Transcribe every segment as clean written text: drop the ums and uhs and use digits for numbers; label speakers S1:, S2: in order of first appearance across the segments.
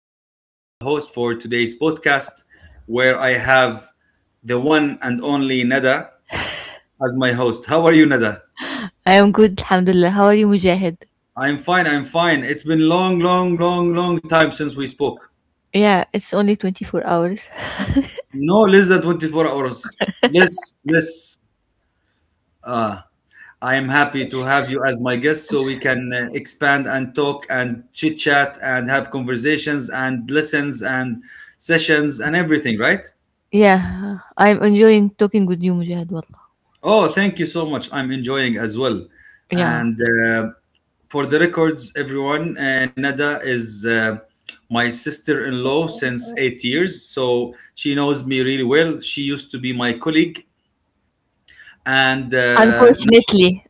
S1: and I am the host for today's podcast, where I have the one and only Nada as my host. How are you, Nada?
S2: I am good, Alhamdulillah. How are you, Mujahid?
S1: I'm fine. I'm fine. It's been long, long, long, long time since we spoke.
S2: Yeah, it's only 24 hours.
S1: No, less than 24 hours. Less, less. Uh, I am happy to have you as my guest so we can expand and talk and chit chat and have conversations and lessons and sessions and everything, right?
S2: Yeah, I'm enjoying talking with you, Mujahid. Wallah.
S1: Oh, thank you so much. I'm enjoying as well.
S2: Yeah.
S1: And uh, for the records, everyone, Nada is my sister in law since 8 years. So she knows me really well. She used to be my colleague. And uh, now,
S2: Unfortunately.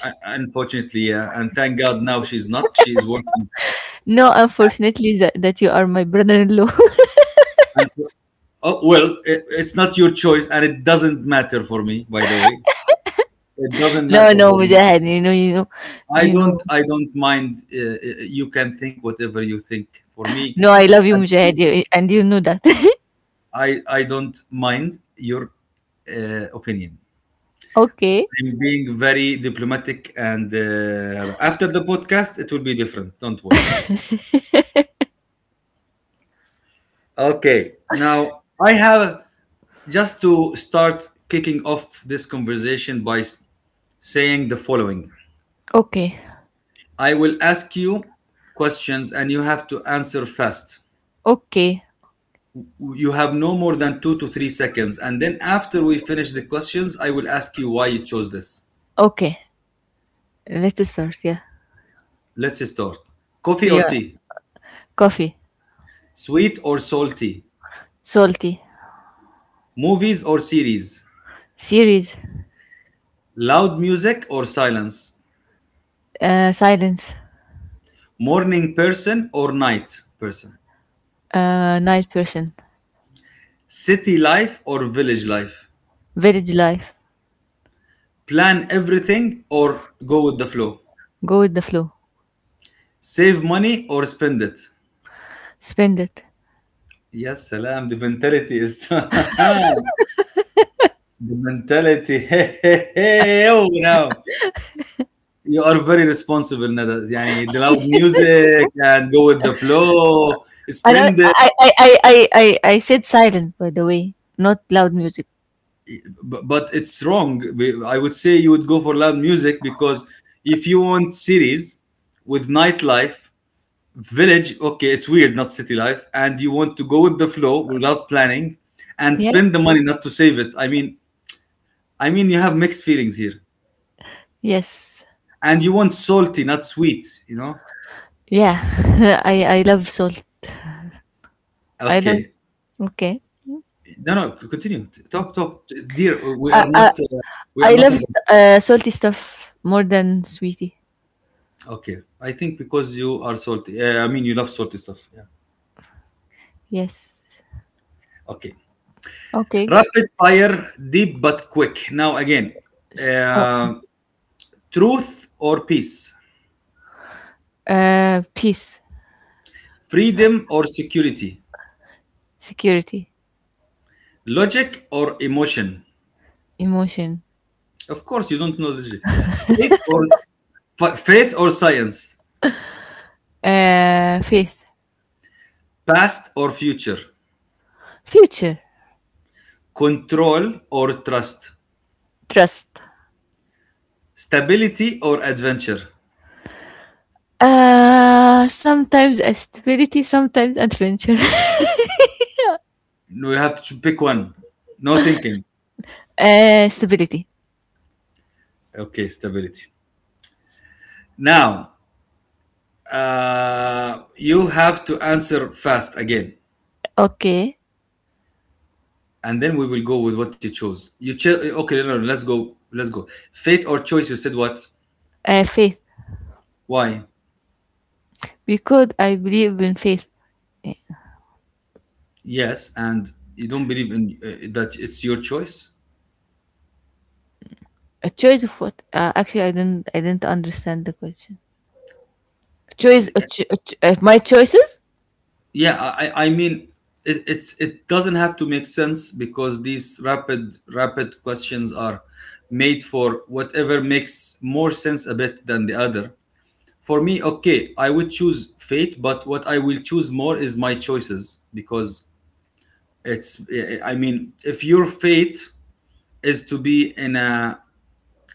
S1: Unfortunately, and thank God now she's not. She is working.
S2: No, unfortunately that, that you are my brother-in-law.
S1: And, oh, well, it's not your choice. And it doesn't matter for me, by the way. It doesn't
S2: No,
S1: matter
S2: no,
S1: for me.
S2: Mujahid.
S1: I
S2: You know.
S1: don't I don't mind. You can think whatever you think. For me,
S2: No, I love
S1: I
S2: you, Mujahid, you- and you know that.
S1: I don't mind your opinion.
S2: Okay,
S1: I'm being very diplomatic, and after the podcast, it will be different. Don't worry. Okay. Now I have just to start kicking off this conversation by saying the following.
S2: okay,
S1: I will ask you questions, and you have to answer fast.
S2: okay,
S1: You have no more than 2 to 3 seconds, and then after we finish the questions I will ask you why you chose this.
S2: okay. Let's start. Yeah,
S1: Let's start. Coffee or
S2: yeah.
S1: tea?
S2: Coffee,
S1: Sweet or salty?
S2: salty,
S1: Movies or series?
S2: series,
S1: Loud music or silence?
S2: silence,
S1: Morning person or night person?
S2: night person,
S1: City life or village life?
S2: village life.
S1: Plan everything or go with the flow?
S2: Go with the flow.
S1: Save money or spend it?
S2: Spend it.
S1: Yes, salam. The mentality is the mentality. Hey, hey, hey, oh now. You are very responsible, Nada. Yani, the loud music and go with the flow,
S2: I know.
S1: spend it.
S2: I said silent by the way, not loud music.
S1: B- But it's wrong. I would say you would go for loud music because if you want cities with nightlife, village, okay, it's weird, not city life, and you want to go with the flow without planning and
S2: Yeah.
S1: spend the money not to save it. I mean, you have mixed feelings here,
S2: Yes.
S1: and you want salty, not sweet. You know?
S2: Yeah. I love salt. I love.
S1: Okay,
S2: Okay.
S1: no, no, continue. Talk, talk, dear.
S2: I I,
S1: We are
S2: I
S1: not
S2: love
S1: in.
S2: salty stuff more than sweetie.
S1: Okay, I think because you are salty. I mean, you love salty stuff. Yeah.
S2: Yes.
S1: Okay.
S2: Okay.
S1: Rapid fire, deep but quick. Now again,
S2: S- uh,
S1: uh, truth or peace,
S2: Peace,
S1: freedom or security,
S2: security,
S1: logic or emotion.
S2: emotion,
S1: Of course, you don't know logic. Faith or faith or science,
S2: faith,
S1: past or future,
S2: future,
S1: control or trust,
S2: trust.
S1: stability or adventure.
S2: Sometimes stability, sometimes adventure.
S1: No, you have to pick one. No thinking.
S2: Stability.
S1: Okay, stability. Now, you have to answer fast again,
S2: Okay.
S1: and then we will go with what you chose. You chose. Okay, no, no, let's go. Let's go. Fate or choice? You said what?
S2: Faith
S1: Why?
S2: because I believe in faith. Eh,
S1: Yes, and you don't believe in that it's your choice.
S2: A choice of what? Actually, I didn't understand the question. Choice. My choices.
S1: I mean, it doesn't have to make sense because these rapid questions are made for whatever makes more sense a bit than the other. For me, okay, I would choose fate, but what I will choose more is my choices, because it's, I mean, if your fate is to be in a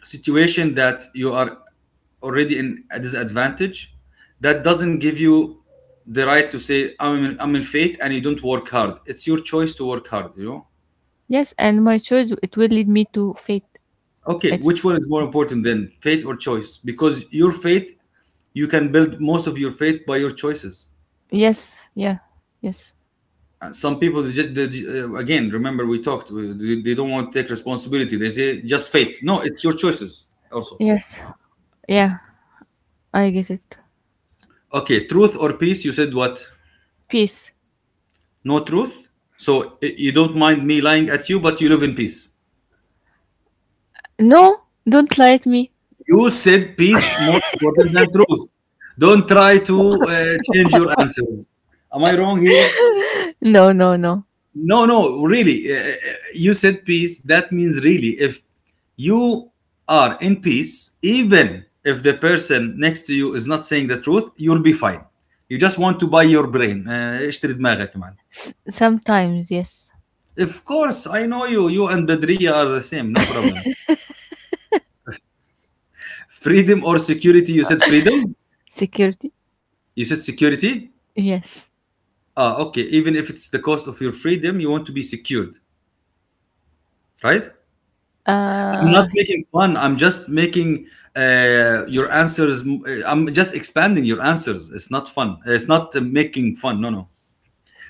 S1: situation that you are already in a disadvantage, that doesn't give you the right to say I'm in fate and you don't work hard. It's your choice to work hard, you know.
S2: Yes, and my choice it will lead me to faith.
S1: Okay,
S2: It's
S1: which one is more important then, fate or choice? Because your fate, you can build most of your fate by your choices.
S2: Yes, yeah, yes,
S1: Some people they just, they, ju- again, remember we talked they don't want to take responsibility. They say just fate. No, it's your choices also.
S2: yes, yeah. I get it.
S1: Okay, truth or peace? You said what?
S2: Peace.
S1: No, truth. So you don't mind me lying at you, but you live in peace.
S2: No, don't lie at me.
S1: You said peace more important than truth. Don't try to change your answers. Am I wrong here?
S2: No, no, no.
S1: No, no, really. You said peace. That means really, if you are in peace, even if the person next to you is not saying the truth, you'll be fine. You just want to buy your brain. اشتري دماغك man.
S2: Sometimes yes.
S1: Of course, I know you. You and Badriya are the same. No problem. Freedom or security? You said freedom.
S2: Security.
S1: You said security.
S2: Yes.
S1: Ah, okay. Even if it's the cost of your freedom, you want to be secured, right? I'm not
S2: Uh,
S1: making fun. I'm just making your answers. I'm just expanding your answers. It's not fun. It's not making fun. No, no.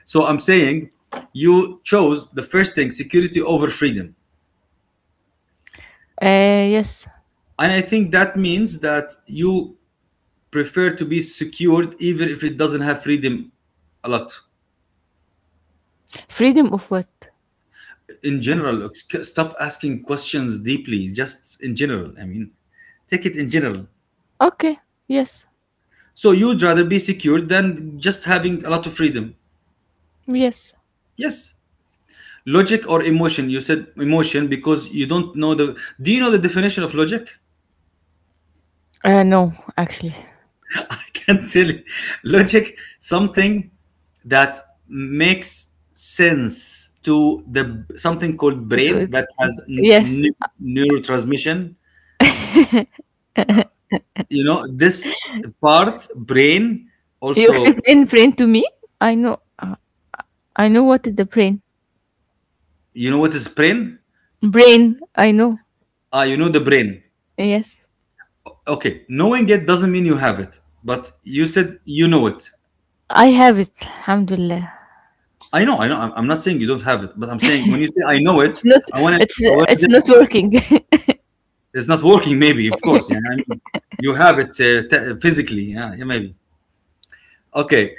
S1: So I'm saying you chose the first thing, security over freedom.
S2: Yes.
S1: And I think that means that you prefer to be secured even if it doesn't have freedom a lot.
S2: Freedom of what?
S1: In general, look, stop asking questions deeply, just in general. I mean, take it in general.
S2: Okay. Yes.
S1: So you'd rather be secured than just having a lot of freedom.
S2: Yes.
S1: Yes. Logic or emotion? You said emotion because you don't know the. Do you know the definition of logic?
S2: No, actually.
S1: I can't tell you. Logic, something that makes sense to the something called
S2: It
S1: brain that
S2: was-
S1: has
S2: yes,
S1: neurotransmission. You know this part, brain.
S2: you
S1: Also,
S2: explained brain to me. I know. I know what is the brain.
S1: you know what is brain?
S2: Brain. I know.
S1: Ah, you know the brain.
S2: Yes,
S1: Okay, knowing it doesn't mean you have it, but you said you know it.
S2: I have it. Alhamdulillah.
S1: I know, I know. I'm not saying you don't have it, but I'm saying when you say I know it,
S2: It's not. It's
S1: I want to
S2: it's
S1: just,
S2: not working.
S1: it's not working, maybe, of course. Yeah, I mean, you have it physically. Yeah, yeah, maybe. Okay.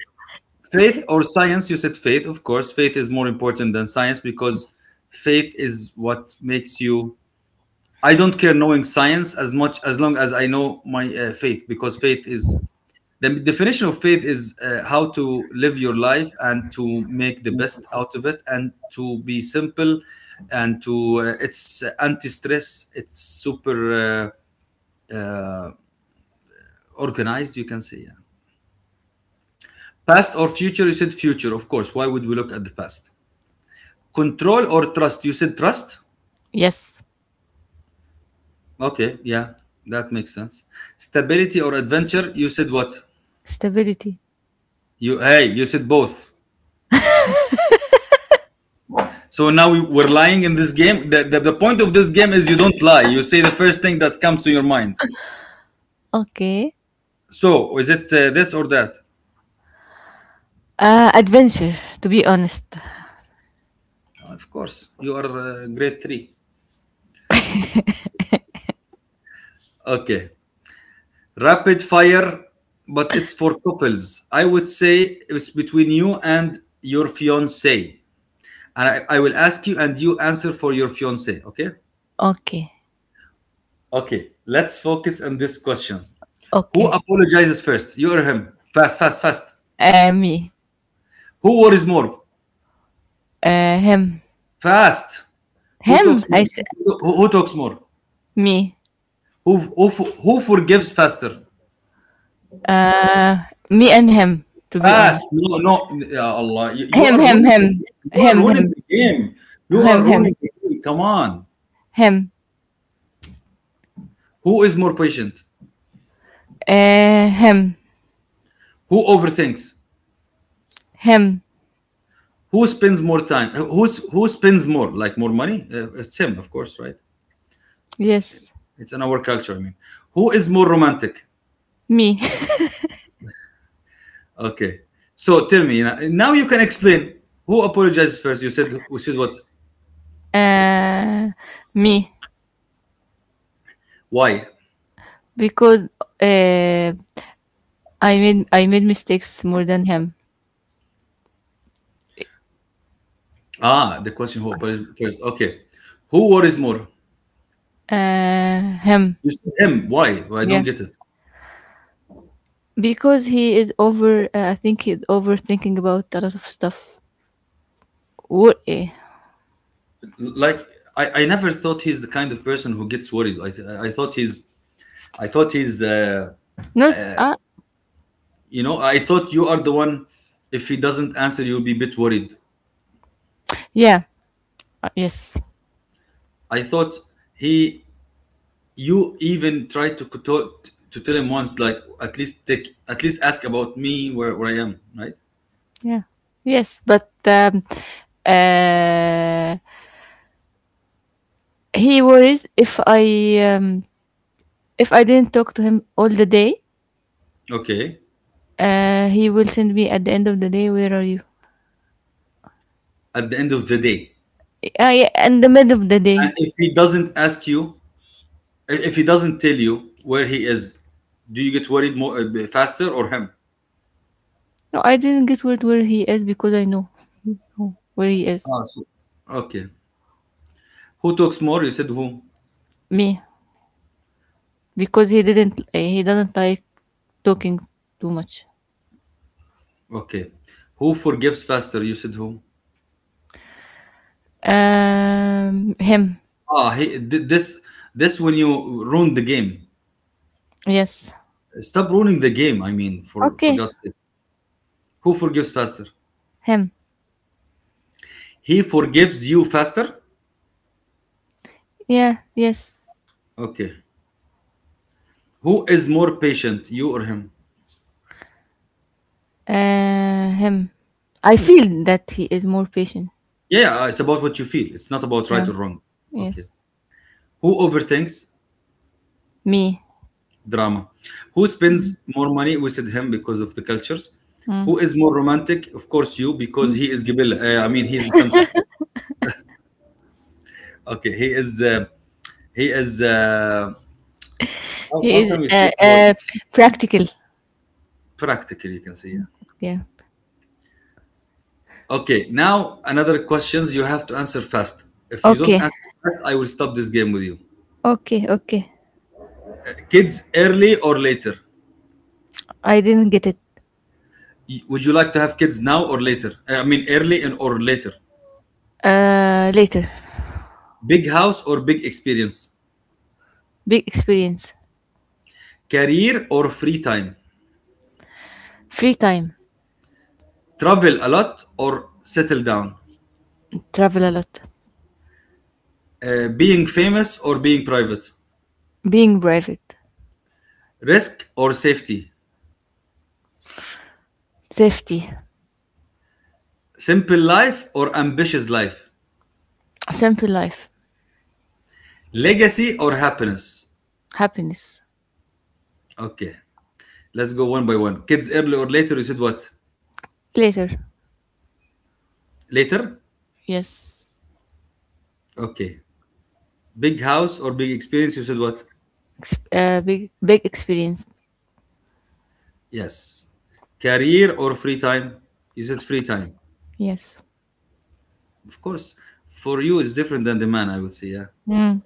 S1: Faith or science? You said faith, of course. Faith is more important than science because faith is what makes you. I don't care knowing science as much as long as I know my faith, because faith is. The definition of faith is how to live your life and to make the best out of it and to be simple and to it's anti-stress. It's super uh, uh, organized, you can say. Yeah. Past or future? You said future, of course. Why would we look at the past? Control or trust? You said trust.
S2: Yes,
S1: Okay, yeah, that makes sense. Stability or adventure? You said what?
S2: stability.
S1: You, hey, you said both. So now we- we're lying in this game. The point of this game is you don't lie. You say the first thing that comes to your mind.
S2: Okay.
S1: So is it this or that?
S2: Adventure. To be honest.
S1: Of course, you are grade three. Okay. Rapid fire, but it's for couples. I would say it's between you and your fiance. And I will ask you, and you answer for your fiance. Okay.
S2: Okay.
S1: Okay. Let's focus on this question. Who
S2: Okay.
S1: apologizes first? You or him? Fast, fast, fast.
S2: Me.
S1: Who worries more?
S2: Him.
S1: Fast. Who
S2: Him.
S1: talks
S2: I
S1: more?
S2: said
S1: Who talks more?
S2: me.
S1: Who, who who forgives faster?
S2: Uh, Me and him. To be
S1: Fast.
S2: honest.
S1: No, no. Ya Allah, you
S2: Him.
S1: are
S2: Him.
S1: ruining
S2: Him.
S1: the game. You are
S2: Him.
S1: ruining
S2: Him.
S1: the game. You are
S2: Him. Him.
S1: ruining the game. Come on.
S2: Him.
S1: Who is more patient?
S2: Him.
S1: Who overthinks?
S2: Him.
S1: Who spends more time? Who spends more? Like more money? It's him, of course, right?
S2: Yes.
S1: It's in our culture, I mean. Who is more romantic?
S2: Me.
S1: Okay. So tell me, now you can explain. Who apologizes first? You said what?
S2: Uh, me.
S1: Why?
S2: Because uh, I made mistakes more than him.
S1: Ah, the question who appears first. Okay. Who worries more?
S2: Him.
S1: You said him. Why? Well, I don't
S2: Yeah.
S1: get it.
S2: Because he is over. I think he's overthinking about a lot of stuff. What? eh,
S1: Like I never thought he's the kind of person who gets worried. I thought he's, I thought he's
S2: Not.
S1: you know, I thought you are the one. If he doesn't answer, you'll be a bit worried.
S2: Yeah. Yes.
S1: I thought he, you even tried to to tell him once, like at least take, at least ask about me where I am, right.
S2: Yeah. Yes. But uh, he worries if I didn't talk to him all the day.
S1: Okay.
S2: He will send me at the end of the day. Where are you?
S1: At the end of the day,
S2: Yeah, in the middle of the
S1: and
S2: day.
S1: if he doesn't ask you, if he doesn't tell you where he is, do you get worried more faster, or him?
S2: No, I didn't get word where he is because I know where he is.
S1: Ah, so- okay. Who talks more? You said who?
S2: Me, because he didn't. He doesn't like talking too much.
S1: Okay. Who forgives faster? You said who?
S2: Him.
S1: Ah, he, th- this when you ruin the game.
S2: Yes.
S1: Stop ruining the game. I mean, for
S2: Okay.
S1: God's sake. Who forgives faster?
S2: Him.
S1: He forgives you faster.
S2: Yeah. Yes.
S1: Okay. Who is more patient, you or him?
S2: Him. I feel that he is more patient.
S1: Yeah, yeah, it's about what you feel. It's not about right
S2: Yeah.
S1: or wrong. Okay.
S2: Yes.
S1: Who overthinks?
S2: Me.
S1: Drama. Who spends more money? We said him because of the cultures.
S2: Mm.
S1: Who is more romantic? Of course, you, because he is Gibil. I mean, he is Tamsah. Okay, he is. He is. Uh,
S2: He
S1: how
S2: is
S1: can we say the word?
S2: practical.
S1: Practical, you can say. Yeah.
S2: Yeah.
S1: Okay, now another questions you have to answer fast. If you don't
S2: Okay.
S1: answer fast, I will stop this game with you.
S2: Okay, okay.
S1: Kids early or later?
S2: I didn't get it.
S1: Would you like to have kids now or later? I mean, early and or later.
S2: Later.
S1: Big house or big experience?
S2: Big experience.
S1: Career or free time?
S2: Free time.
S1: Travel a lot or settle down?
S2: Travel a lot.
S1: Being famous or being private?
S2: Being private.
S1: Risk or safety?
S2: Safety.
S1: Simple life or ambitious life?
S2: Simple life.
S1: Legacy or happiness?
S2: Happiness.
S1: Okay, let's go one by one. Kids early or later, you said what?
S2: Later.
S1: Later?
S2: Yes.
S1: Okay. Big house or big experience, you said what?
S2: Big experience.
S1: Yes. Career or free time? You said free time.
S2: Yes.
S1: Of course, for you it's different than the man, I would say, yeah.
S2: Mm.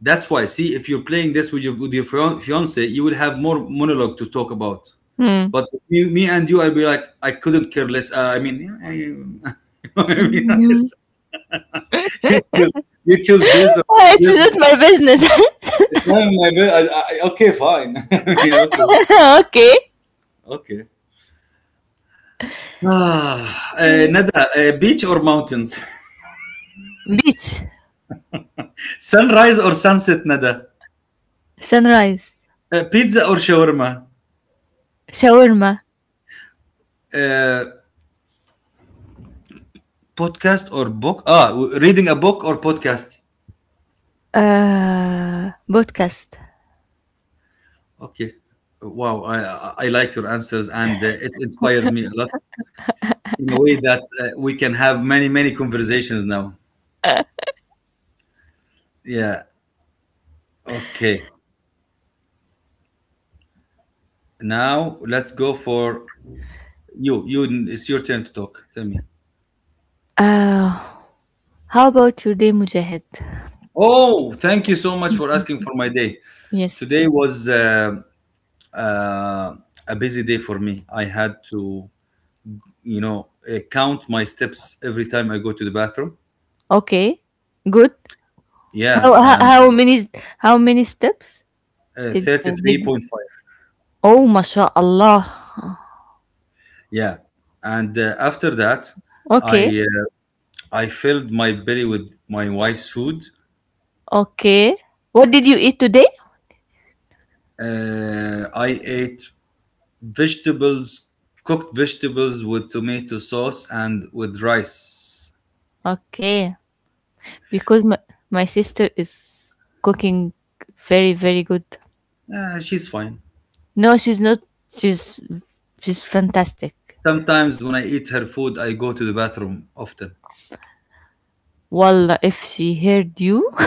S1: That's why, see, if you're playing this with your fiance, you will have more monologue to talk about.
S2: Mm.
S1: But me and you, I'll be like, I couldn't care less. I mean, yeah, you know what I mean.
S2: Mm.
S1: You choose, you choose this, or
S2: It's
S1: this.
S2: not my business.
S1: It's not in my bed. Okay, fine. I mean, okay,
S2: Okay.
S1: okay. Nada, beach or mountains?
S2: Beach.
S1: Sunrise or sunset, Nada?
S2: Sunrise.
S1: Pizza or shawarma?
S2: Shawarma.
S1: Uh, Podcast or book? Reading a book or podcast?
S2: Podcast.
S1: Okay. Wow, I like your answers, and it inspired me a lot in a way that we can have many conversations now. Yeah. Okay. Now let's go for you. You, it's your turn to talk. Tell me.
S2: Uh, how about your day, Mujahid?
S1: Oh, thank you so much for asking for my day.
S2: Yes.
S1: Today was uh, a busy day for me. I had to count my steps every time I go to the bathroom.
S2: Okay, good. How
S1: Yeah,
S2: how,
S1: and
S2: how many how many steps did did?
S1: 33.5.
S2: Oh, mashallah.
S1: Yeah, and after that,
S2: Okay,
S1: I uh, I filled my belly with my wife's food.
S2: okay. What did you eat today?
S1: I ate vegetables, cooked vegetables with tomato sauce and with rice.
S2: Okay, because my sister is cooking very very good.
S1: She's fine.
S2: No, she's not. She's she's fantastic.
S1: Sometimes when I eat her food, I go to the bathroom often.
S2: Wallah, if she heard you.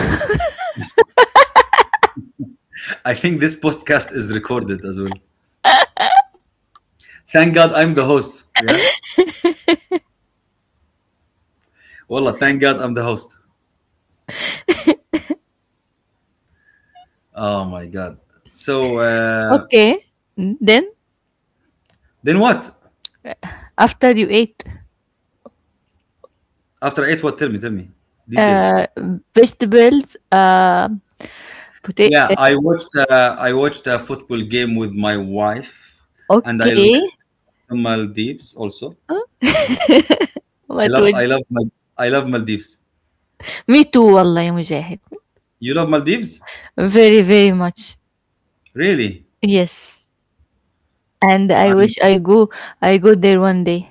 S1: I think this podcast is recorded as well. Thank God I'm the host. Yeah. Wallah, thank God I'm the host. Oh my God. So
S2: Okay, then
S1: then what?
S2: after you ate
S1: After I ate what? Tell me, tell me. Details.
S2: uh vegetables, potato.
S1: Yeah, I watched a football game with my wife, and I
S2: Okay,
S1: like the Maldives also. I
S2: what
S1: love
S2: was.
S1: I love Mal- I love Maldives.
S2: Me too, والله يا مجاهد.
S1: You love Maldives?
S2: Very, very much.
S1: Really?
S2: Yes. And
S1: And
S2: I go there one day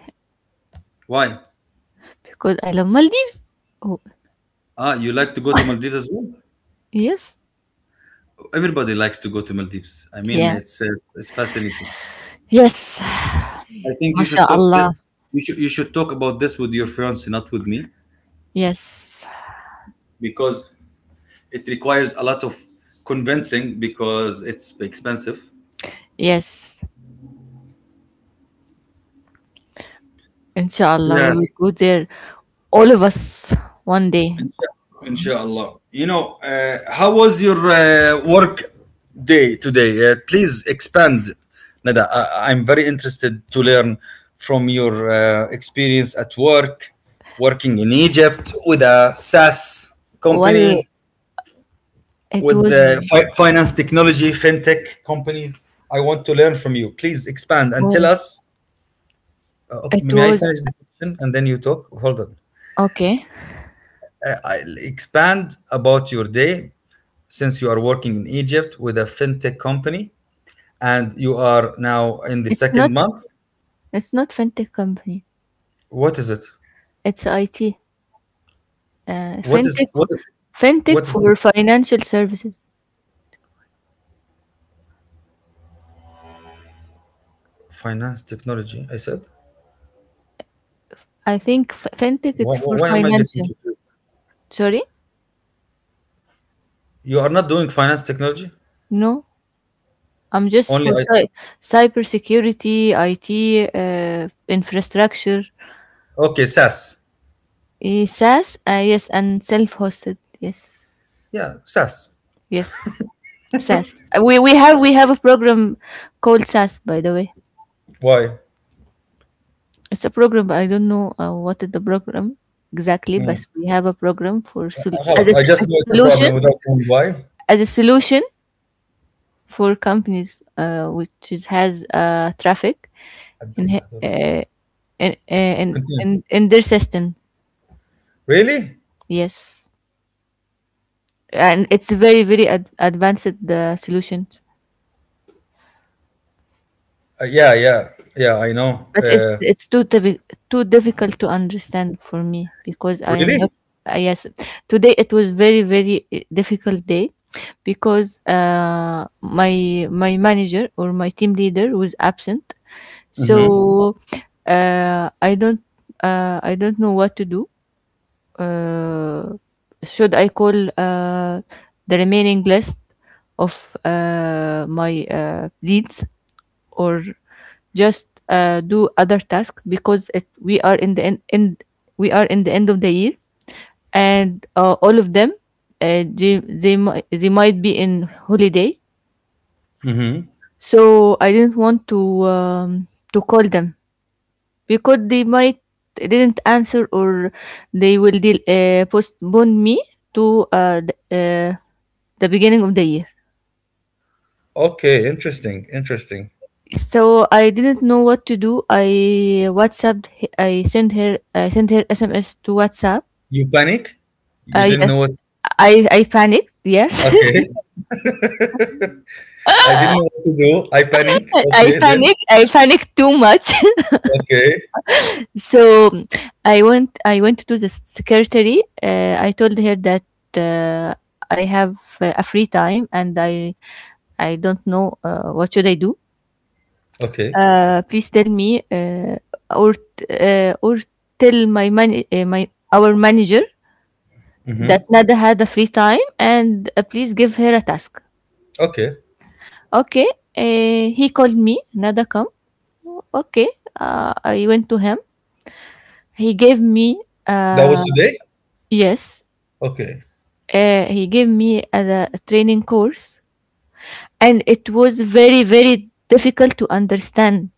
S1: why?
S2: because I love Maldives. Oh,
S1: You like to go to Maldives as well?
S2: yes.
S1: Everybody likes to go to Maldives. I mean,
S2: Yeah.
S1: it's fascinating.
S2: Yes.
S1: I think you should talk th-
S2: MashaAllah.
S1: you should talk about this with your fiance, not with me,
S2: Yes.
S1: because it requires a lot of convincing because it's expensive.
S2: Yes. Inshallah,
S1: Yeah,
S2: we will go there, all of us, one day.
S1: Insha- Inshallah. How was your work day today? Please expand, Nada. I'm very interested to learn from your experience at work, working in Egypt with a SaaS
S2: Well,
S1: company,
S2: it
S1: with
S2: was,
S1: the finance technology, fintech companies. I want to learn from you. Please expand and tell
S2: well,
S1: us. Okay,
S2: it
S1: may I
S2: was,
S1: finish the question and then you talk? Hold on.
S2: okay.
S1: I'll expand about your day since you are working in Egypt with a fintech company and you are now in the
S2: It's not,
S1: second month.
S2: it's not fintech company.
S1: What is it?
S2: It's IT.
S1: What is what?
S2: Fintech,
S1: What
S2: fintech
S1: is it?
S2: for financial services.
S1: Finance technology? I said.
S2: I think fintech
S1: Why,
S2: it's for
S1: why am I getting
S2: financial.
S1: confused?
S2: Sorry,
S1: You are not doing finance technology.
S2: no, I'm just
S1: Only
S2: for
S1: I.
S2: cy- cybersecurity, IT, infrastructure,
S1: Okay, SaaS.
S2: SaaS. Yes, and self-hosted. Yes,
S1: Yeah, SaaS.
S2: yes, SaaS. We have a program called SaaS. By the way,
S1: Why?
S2: it's a program, but I don't know what is the program exactly. But
S1: Mm.
S2: we have a program for sol- as
S1: خلاص,
S2: a,
S1: I
S2: s-
S1: just know it's a problem without knowing why.
S2: as a solution for companies which is, has traffic In
S1: قدمت
S2: he-
S1: هذول. Continue.
S2: and in their system,
S1: Really?
S2: yes, and it's very advanced, the solution,
S1: Yeah, yeah, yeah. I know.
S2: but it's it's too diffi- too difficult to understand for me because i am not
S1: Really?
S2: uh, Yes, today it was very very difficult day because my manager or my team leader was absent, so
S1: Mm-hmm.
S2: uh i don't I don't know what to do. uh, should I call the remaining list of my leads, or just do other tasks? Because it, we are in the end, end we are in the end of the year, and all of them, they might be in holiday,
S1: Mm-hmm.
S2: so I didn't want to call them because they might didn't answer or they will postpone me to the beginning of the year.
S1: Okay, interesting, interesting.
S2: So I didn't know what to do. I WhatsApped. H- I sent her. I sent her SMS to WhatsApp.
S1: You panic? You didn't know
S2: Yes,
S1: what?
S2: I panicked. Yes,
S1: Okay, I didn't know what to do. I panic.
S2: I
S1: Okay, then.
S2: panicked. I panicked too much.
S1: Okay,
S2: So I went to the secretary. I told her that uh, I have a free time and I don't know what should I do.
S1: okay.
S2: Please tell me or tell my our manager that
S1: Mm-hmm.
S2: Nada had a free time and please give her a task.
S1: Okay,
S2: Okay, he called me. Nada come. Okay, I went to him. He gave me
S1: that was today.
S2: yes,
S1: Okay.
S2: he gave me a training course, and it was very very difficult to understand,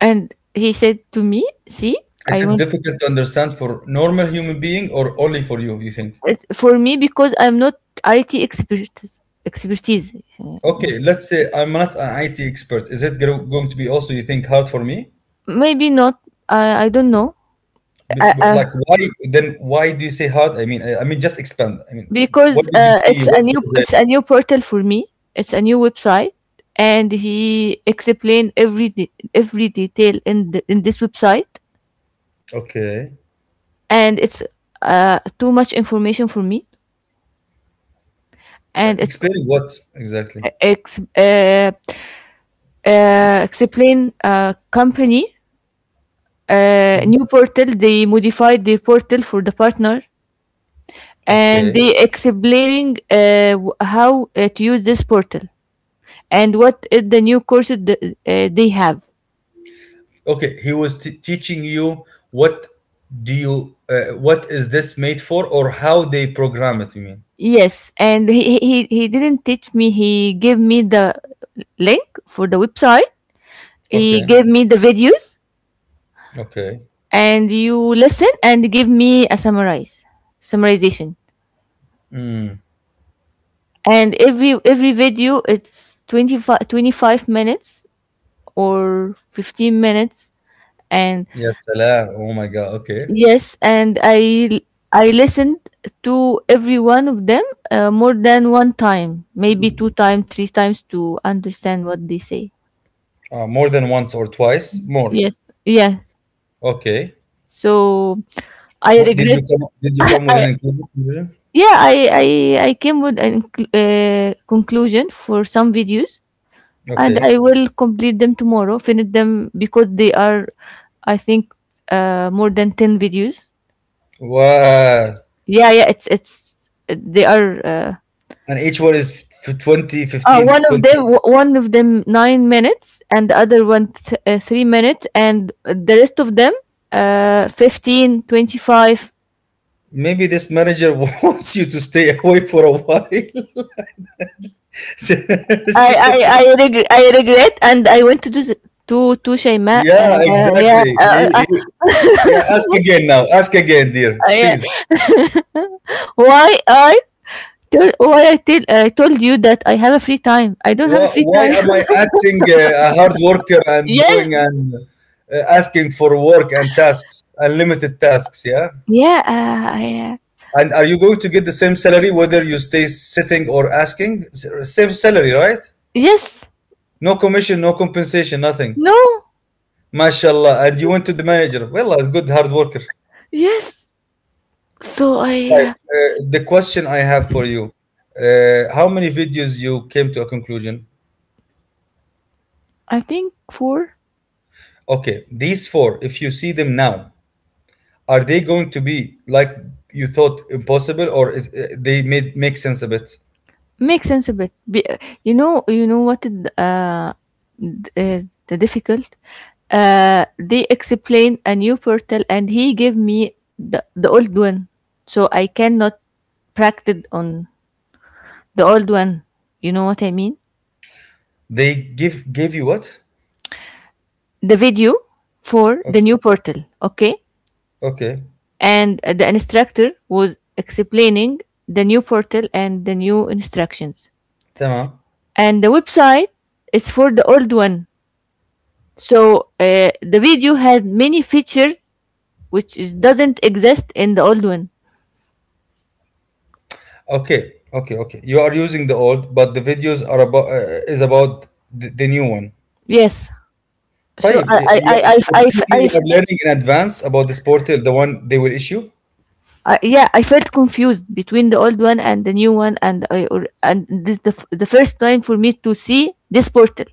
S2: and he said to me, see.
S1: Is
S2: I
S1: it
S2: want
S1: difficult to understand for normal human being or only for you? You think?
S2: For me, because I'm not IT expertise.
S1: Okay, let's say I'm not an IT expert. Is it going to be also you think hard for me?
S2: Maybe not. I don't know. uh, uh,
S1: Like why then? Why do you say hard? I mean, I mean just expand. I mean, what
S2: because
S1: did you see? What was it?
S2: it's a new portal for me, it's a new website, and he explained every detail in in this website,
S1: Okay.
S2: and it's too much information for me, and it's
S1: Explain what exactly.
S2: ex- explain company,
S1: Mm.
S2: new portal. They modified their portal for the partner, and
S1: Okay.
S2: they explaining how to use this portal and what is the new courses they have.
S1: Okay. He was teaching you what is this made for or how they program it, you mean?
S2: Yes, and he didn't teach me. He gave me the link for the website. He
S1: Okay.
S2: gave me the videos,
S1: Okay.
S2: and you listen and give me a summarize summarization, and every video it's 25 25 minutes or 15 minutes, and
S1: Yes, salam. Oh my God. Okay.
S2: yes, and I listened to every one of them more than one time, maybe two times, three times, to understand what they say.
S1: More than once or twice? More.
S2: Yes, yeah.
S1: Okay.
S2: So I
S1: What did you
S2: regret.
S1: come, did you come with an
S2: I,
S1: inclusive version?
S2: yeah I came with a conclusion for some videos, and
S1: Okay.
S2: I will complete them tomorrow, finish them, because they are, I think, more than 10 videos.
S1: Wow.
S2: Yeah, yeah, they are,
S1: And each one is 20, 15, 20.
S2: one of them 9 minutes, and the other one 3 minutes, and the rest of them, 15, 25.
S1: Maybe this manager wants you to stay away for a while.
S2: I regret, and I want to do the, to Shaima,
S1: Yeah, exactly. Yeah, ask again now. Ask again, dear.
S2: yeah,
S1: Please.
S2: why I Tell what I tell I told you that I have a free time. I don't have
S1: Why,
S2: a free
S1: why
S2: time.
S1: am I acting a hard worker and
S2: Yes.
S1: going and asking for work and tasks, unlimited tasks? Yeah.
S2: Yeah.
S1: And are you going to get the same salary whether you stay sitting or asking? Same salary, right?
S2: Yes.
S1: No commission, no compensation, nothing.
S2: No.
S1: MashaAllah. And you went to the manager. Well, a good hard worker.
S2: Yes. So I.
S1: Right. The question I have for you: how many videos you came to a conclusion?
S2: I think four
S1: Okay, these four, if you see them now, are they going to be like you thought impossible, or they made make sense a bit?
S2: makes sense a bit. You know. You know what? D- uh, the difficult. They explain a new portal, and he gave me the old one, so I cannot practice on the old one. You know what I mean?
S1: They give gave you what?
S2: The video for the new
S1: Okay,
S2: portal, okay,
S1: okay,
S2: and the instructor was explaining the new portal and the new instructions,
S1: tamam.
S2: and the website is for the old one, so the video had many features which is, doesn't exist in the old one.
S1: Okay, okay, okay. You are using the old, but the videos are about is about the new one.
S2: Yes, so
S1: طيب,
S2: I I
S1: you
S2: I I,
S1: so
S2: I, I,
S1: technically
S2: I
S1: you are learning in advance about this portal, the one they will issue.
S2: yeah, I felt confused between the old one and the new one, and and this the first time for me to see this portal.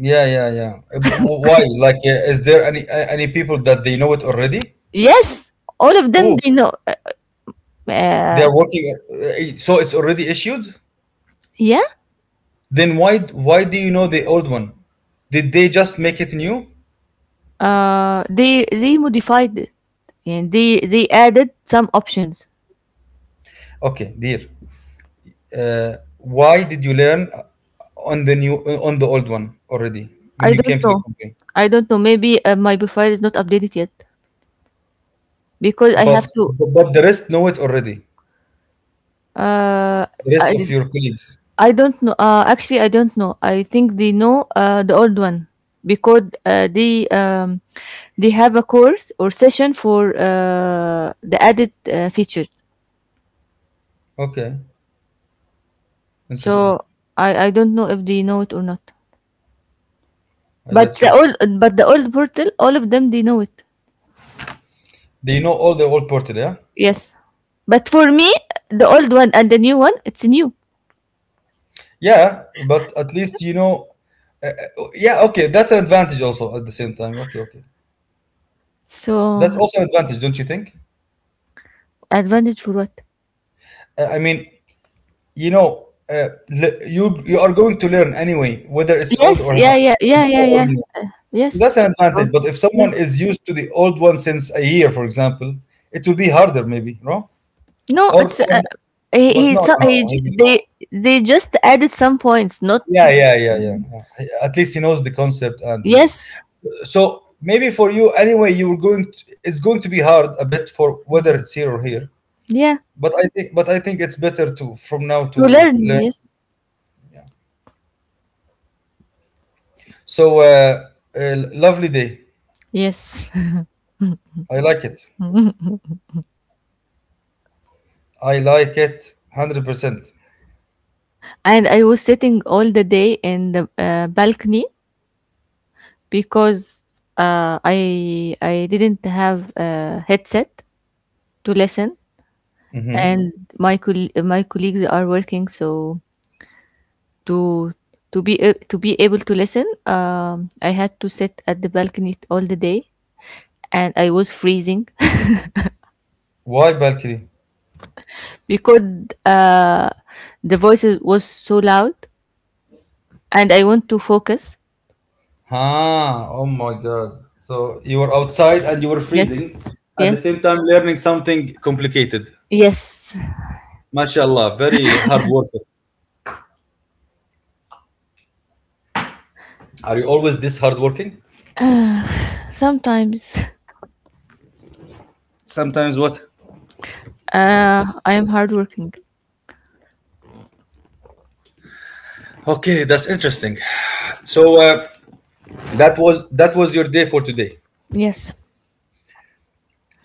S1: Yeah, yeah, yeah. Why? Like, is there any people that they know it already?
S2: Yes, all of them
S1: Who?
S2: they know.
S1: They
S2: Uh,
S1: are working. So it's already issued.
S2: yeah,
S1: Then why do you know the old one? Did they just make it new?
S2: they they modified it, and they added some options.
S1: Okay, dear. Why did you learn on the old one already when
S2: I
S1: you
S2: don't
S1: came to the
S2: know.
S1: company?
S2: I don't know. Maybe my profile is not updated yet because I
S1: But
S2: have to.
S1: but the rest know it already.
S2: Uh,
S1: The rest
S2: I
S1: of your colleagues.
S2: I don't know. Actually, I don't know. I think they know the old one because they have a course or session for the added features.
S1: Okay, interesting.
S2: So I don't know if they know it or not.
S1: I got you.
S2: But the old portal, all of them, they know it.
S1: They know all the old portal, yeah?
S2: Yes. But for me, the old one and the new one, it's new.
S1: Yeah, but at least you know. Oh, Yeah, okay, that's an advantage also at the same time. Okay, okay.
S2: So
S1: That's also an advantage, don't you think?
S2: advantage for what?
S1: I mean, you are going to learn anyway, whether it's old
S2: Yes.
S1: or
S2: Yeah. Yeah. Yeah. Yeah.
S1: or
S2: Yeah.
S1: new.
S2: Yes.
S1: That's an
S2: Oh,
S1: advantage. But if
S2: yeah.
S1: someone is used to the old one since a year, for example, it will be harder, maybe, no?
S2: No,
S1: Or,
S2: it's
S1: or
S2: he. He.
S1: but no,
S2: So,
S1: no, no.
S2: he.
S1: He will
S2: They.
S1: know.
S2: They just added some points. Not.
S1: Yeah, yeah, yeah, yeah, yeah. At least he knows the concept and the.
S2: Yes.
S1: So maybe for you, anyway, you were going. It's going to be hard a bit for whether it's here or here.
S2: Yeah.
S1: But I think it's better to from now
S2: To
S1: to
S2: learn.
S1: learn.
S2: Yes.
S1: So, lovely day.
S2: Yes.
S1: I like it. I like it 100%. percent
S2: And I was sitting all the day in the balcony because I didn't have a headset to listen,
S1: hmm
S2: and my colleagues are working, so to to to be able to listen, I had to sit at the balcony all the day, and I was freezing
S1: Why balcony?
S2: because uh, the voices was so loud, and I want to focus.
S1: Oh my God. So you were outside and you were
S2: Yes,
S1: freezing at the
S2: yes,
S1: same time learning something complicated.
S2: yes.
S1: MashaAllah, very hard worker. Are you always this hardworking?
S2: Sometimes
S1: Sometimes what?
S2: I am hardworking.
S1: Okay, that's interesting. So that was your day for today.
S2: Yes.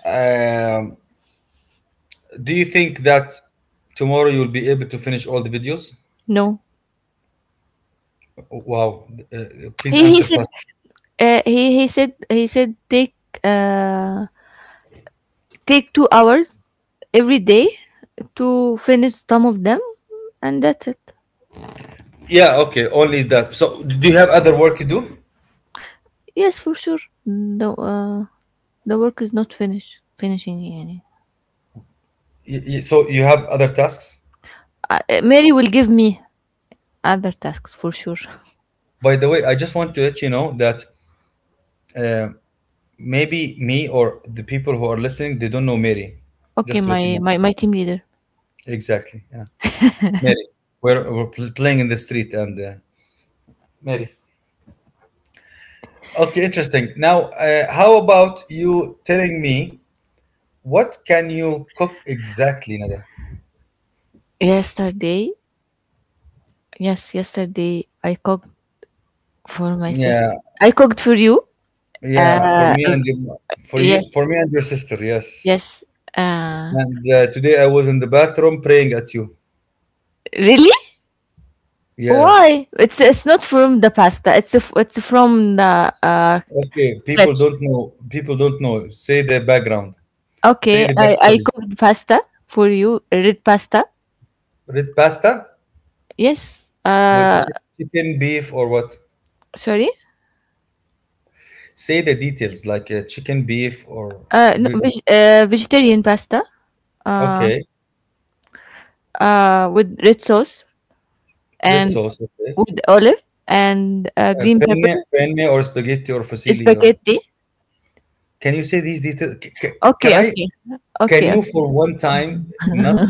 S1: Um, do you think that tomorrow you'll be able to finish all the videos?
S2: No.
S1: Wow! Please
S2: He, he
S1: answer
S2: said
S1: fast.
S2: He said take uh, take 2 hours every day to finish some of them, and that's it.
S1: Yeah, okay, only that. So, do you have other work to do?
S2: Yes, for sure. The uh, the work is not finished. Finishing, يعني.
S1: So, you have other tasks?
S2: Mary will give me other tasks for sure.
S1: By the way, I just want to let you know that uh, maybe me or the people who are listening, they don't know Mary.
S2: Okay,
S1: Just to
S2: my
S1: let you know.
S2: my my team leader.
S1: Exactly. Yeah. Mary. We're playing in the street and. Mary. Okay, interesting. Now, how about you telling me what can you cook exactly, Nada?
S2: Yesterday, yes, yesterday I cooked for my sister.
S1: Yeah,
S2: I cooked for you.
S1: yeah,
S2: Uh,
S1: for you,
S2: yes,
S1: for me and your sister, yes.
S2: yes. Uh,
S1: And today I was in the bathroom praying at you.
S2: really?
S1: Yeah.
S2: Why? It's not from the pasta. It's it's from the
S1: Okay. People
S2: strips.
S1: don't know. People don't know. Say the background. Say
S2: Okay,
S1: the
S2: I
S1: backstory.
S2: cooked pasta for you, red pasta.
S1: Red pasta
S2: Yes.
S1: with chicken, beef, or what?
S2: Sorry.
S1: Say the details like chicken, beef, or
S2: No,
S1: ve-
S2: vegetarian pasta. Uh,
S1: okay.
S2: with red sauce
S1: Red
S2: and
S1: sauce. Okay.
S2: with olive and green pepper.
S1: Penne, or spaghetti, or fusilli. Or
S2: Spaghetti.
S1: can you say these details? Can
S2: Okay,
S1: I?
S2: okay,
S1: Can
S2: okay,
S1: you for one time not?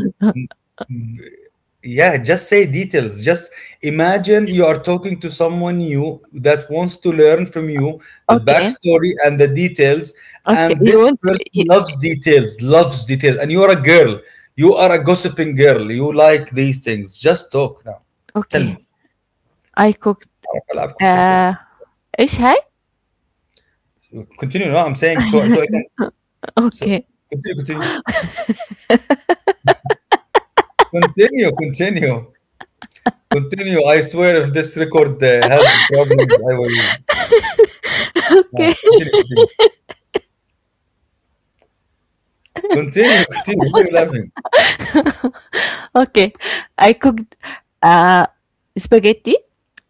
S1: Yeah, just say details. Just imagine you are talking to someone new that wants to learn from you the
S2: okay,
S1: backstory and the details.
S2: okay.
S1: And
S2: You
S1: this
S2: want?
S1: person
S2: You,
S1: loves details, loves details. And you're a girl. You are a gossiping girl. You like these things. Just talk now. Tell
S2: okay.
S1: me.
S2: I cooked.
S1: أعرف ألعب قصة
S2: Uh,
S1: الوقت.
S2: ايش هاي؟
S1: Continue. No, I'm saying so I can. So
S2: Okay.
S1: continue, continue. Continue, continue. Continue. I swear if this record has problems, I will.
S2: Okay.
S1: No, continue, continue. Continue, continue. Why are you laughing?
S2: Okay, I cooked uh, spaghetti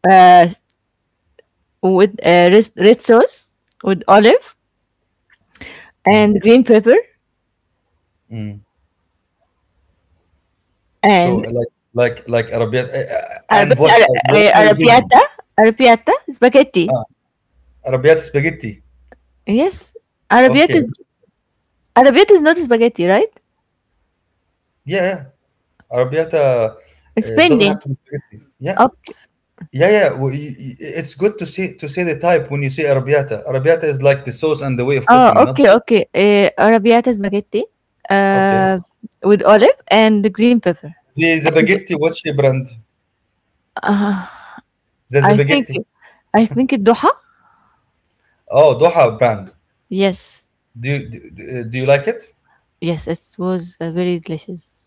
S2: uh, with red sauce, with olive
S1: Mm,
S2: and green pepper
S1: mm. So
S2: and
S1: like Arabiat and
S2: Arabi- Ara-
S1: what
S2: uh,
S1: are you thinking?
S2: arrabbiata, arrabbiata spaghetti.
S1: Arabiata spaghetti.
S2: Yes,
S1: Okay.
S2: arrabbiata, arrabbiata is not spaghetti, right?
S1: Yeah, yeah. Arabiata
S2: It's
S1: doesn't have
S2: penne.
S1: to be spaghetti. Yeah.
S2: Okay.
S1: Yeah, yeah. Well, it's good to see to say the type when you say Arabiata. Arabiata is like the sauce and the way of
S2: Oh,
S1: cooking, not the
S2: okay. Arrabbiata spaghetti
S1: okay.
S2: uh, with olive and green pepper.
S1: The Zabaghetti, what's your brand?
S2: Uh,
S1: The
S2: I think,
S1: Zabaghetti.
S2: I think it doha.
S1: Oh, Doha brand.
S2: Yes.
S1: Do you, do you like it?
S2: Yes, it was very delicious.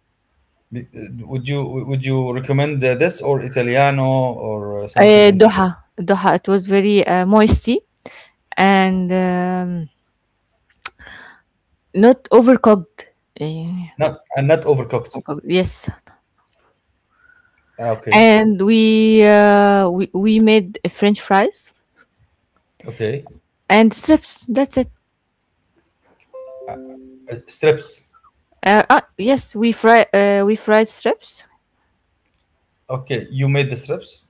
S1: Would you recommend this or Italiano or something else?
S2: Doha. Doha, it was very moisty and not overcooked. Eh,
S1: Not and not overcooked.
S2: overcooked, yes,
S1: Ah, okay,
S2: and we we made French fries
S1: okay.
S2: and strips. That's it.
S1: Strips.
S2: Yes, we fried strips.
S1: Okay, you made the strips.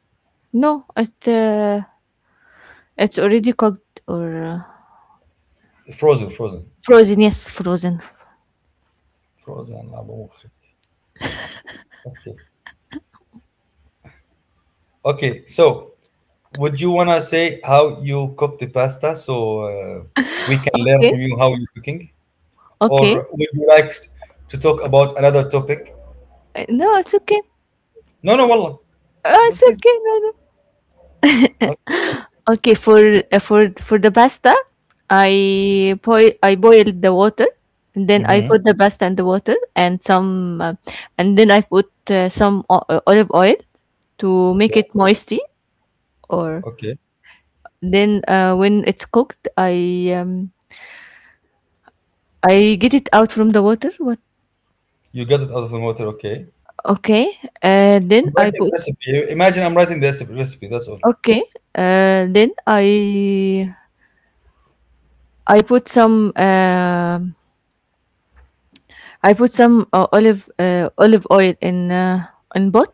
S2: No, it's already cooked or
S1: Frozen, frozen,
S2: frozen. Yes, frozen.
S1: Frozen. أبو مخك. Okay, okay. So, would you wanna say how you cook the pasta so we can learn
S2: Okay,
S1: from you how you cooking,
S2: okay.
S1: or would you like to talk about another topic?
S2: No, it's okay.
S1: No, no, والله. No,
S2: It's
S1: please.
S2: okay. No, no.
S1: Okay.
S2: Okay, for the pasta, I boiled the water, and then I
S1: Mm-hmm.
S2: put the pasta in the water and some, and then I put some olive oil to make
S1: Okay.
S2: it moisty. Or
S1: Okay.
S2: then when it's cooked, I get it out from the water. What?
S1: You got it out of the water, okay?
S2: Okay, then
S1: I'm
S2: I
S1: writing the
S2: put
S1: recipe. Imagine I'm writing the recipe. That's all.
S2: okay. Then I put some. I put some olive oil in both.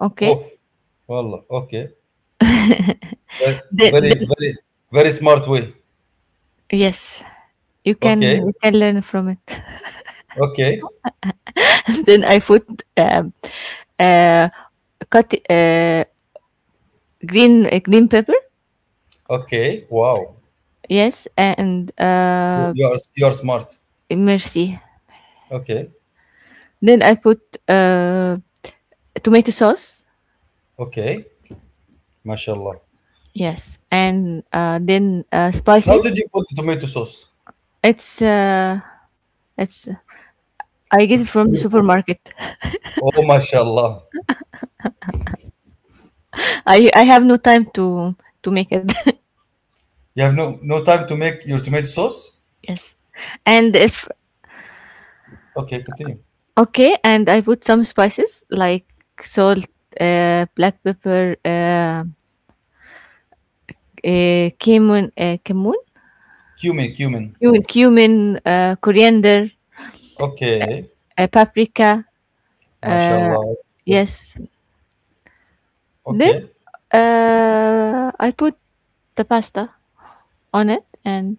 S2: Okay.
S1: Off. Wallah. Okay. Very,
S2: Then
S1: very smart way.
S2: yes,
S1: Okay.
S2: you can learn from it.
S1: Okay.
S2: Then I put um, uh, cut green green pepper.
S1: Okay. Wow.
S2: Yes, and
S1: You you are you are smart.
S2: mercy.
S1: Okay.
S2: Then I put uh, tomato sauce.
S1: Okay. Mashallah.
S2: Yes, and then
S1: How did
S2: spices.
S1: you put the tomato sauce?
S2: It's uh, it's I get it from the supermarket.
S1: Oh, mashallah.
S2: I have no time to make it.
S1: You have no time to make your tomato sauce?
S2: Yes. And if
S1: Okay, continue.
S2: okay, and I put some spices like salt, black pepper, uh, cumin, uh, cumin,
S1: Cumin, cumin.
S2: cumin, coriander,
S1: Okay.
S2: paprika. Uh,
S1: Mashallah. Good.
S2: yes. Then
S1: Okay.
S2: I put the pasta on it, and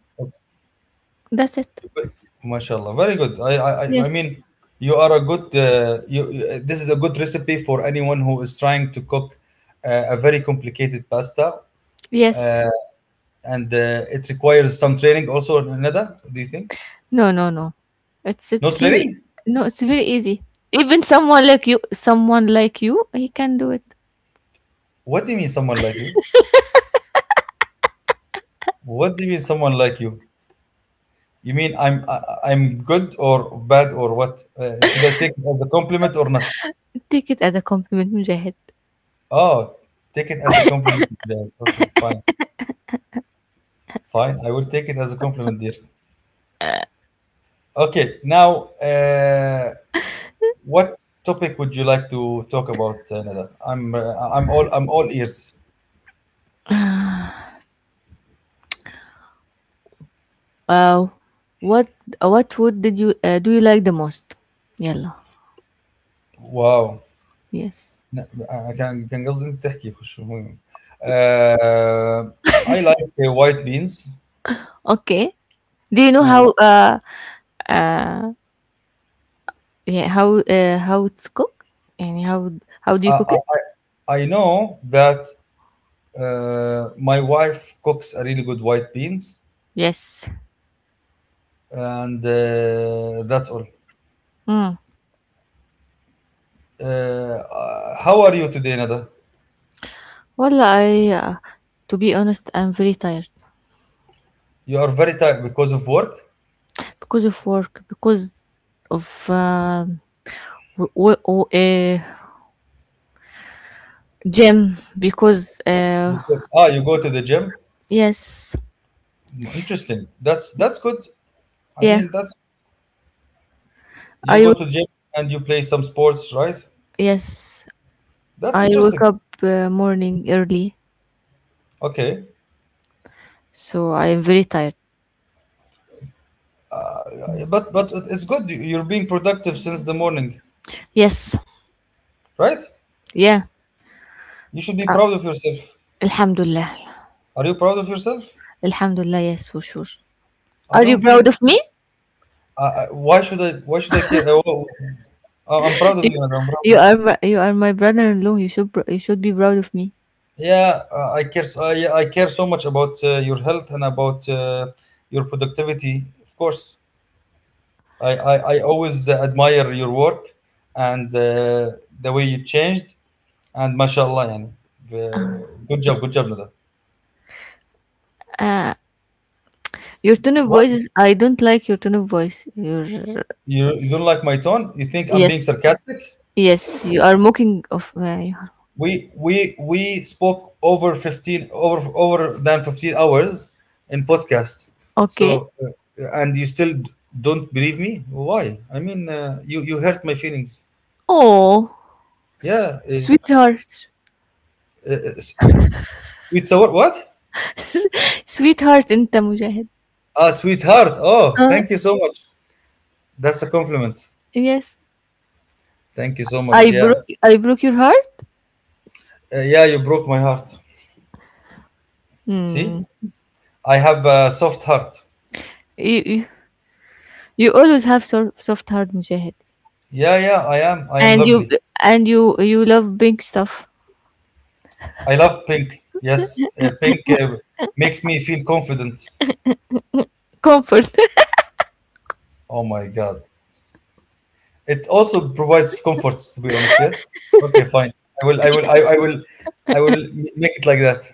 S2: that's it.
S1: Good. MashaAllah. Very good. I
S2: Yes.
S1: mean, you are a good, this is a good recipe for anyone who is trying to cook a very complicated pasta.
S2: Yes.
S1: Uh, and It requires some training also, Nada, do you think?
S2: No, no, no.
S1: No
S2: It's very
S1: training?
S2: no, it's very easy. Even someone like you, he can do it.
S1: What do you mean someone like you? What do you mean someone like you? You mean I'm good or bad or what? Should I take it as a compliment or not?
S2: Take it as a compliment, Mujahid.
S1: Oh, take it as a compliment. Yeah, okay, fine. Fine. I will take it as a compliment, dear. Okay, now what topic would you like to talk about, Nada? I'm I'm all ears.
S2: Uh, what food did you do you like the most? Yalla.
S1: Wow.
S2: Yes.
S1: لا، أنا كان كان قصدي انت تحكي خش مهم. uh, I like white beans
S2: Okay. Do you know
S1: و
S2: how uh yeah how it's cooked? And how do you
S1: I,
S2: cook
S1: I,
S2: it?
S1: I I know that my wife cooks a really good white beans
S2: Yes.
S1: and that's all.
S2: Mm.
S1: How are you today, Nada?
S2: Well, I to be honest, I'm very tired
S1: You are very tired because of work?
S2: because of work, because of w- w- w- uh, gym, because
S1: Because ah, you go to the gym?
S2: yes,
S1: Interesting. That's good. I
S2: yeah.
S1: mean, that's you
S2: I
S1: go
S2: will
S1: to gym and you play some sports, right?
S2: yes.
S1: That's
S2: I woke
S1: interesting.
S2: up morning early,
S1: Okay,
S2: so I am very tired.
S1: But it's good. You're being productive since the morning,
S2: Yes,
S1: right?
S2: yeah,
S1: You should be proud of yourself.
S2: alhamdulillah,
S1: Are you proud of yourself?
S2: alhamdulillah. Yes, for sure.
S1: I
S2: Are you
S1: don't feel.
S2: proud of me?
S1: Why should I? Why should I care? I'm proud of
S2: You,
S1: you, and I'm proud of
S2: you
S1: you.
S2: are you are my brother-in-law. You should you should be proud of me.
S1: Yeah, I care. I care so much about your health and about your productivity. Of course, I always admire your work and the way you changed and mashallah يعني good job Nada.
S2: Your tone of voice.
S1: What?
S2: I don't like your tone of voice. Your
S1: You don't like my tone? You think I'm
S2: yes,
S1: being sarcastic?
S2: yes. You are mocking of my.
S1: We spoke over 15 over over than 15 hours in podcast.
S2: Okay.
S1: So and you still don't believe me? Why? I mean you hurt my feelings.
S2: Oh,
S1: Yeah,
S2: sweetheart,
S1: uh, s- sweet sour what?
S2: sweetheart, أنت مجاهد.
S1: Ah, sweetheart. Oh,
S2: Uh,
S1: thank you so much. That's a compliment.
S2: yes.
S1: Thank you so much. Yeah.
S2: I broke your heart.
S1: Yeah, you broke my heart. See?
S2: Hmm.
S1: I have a soft heart.
S2: you you, you always have soft heart mujahid
S1: Yeah, yeah, I am. I am
S2: and
S1: lovely.
S2: you love big stuff
S1: I love pink. Yes, pink makes me feel confident.
S2: comfort
S1: Oh my God. It also provides comforts, to be honest, yeah? Okay, fine. I will, I will, I, I will, I will make it like that.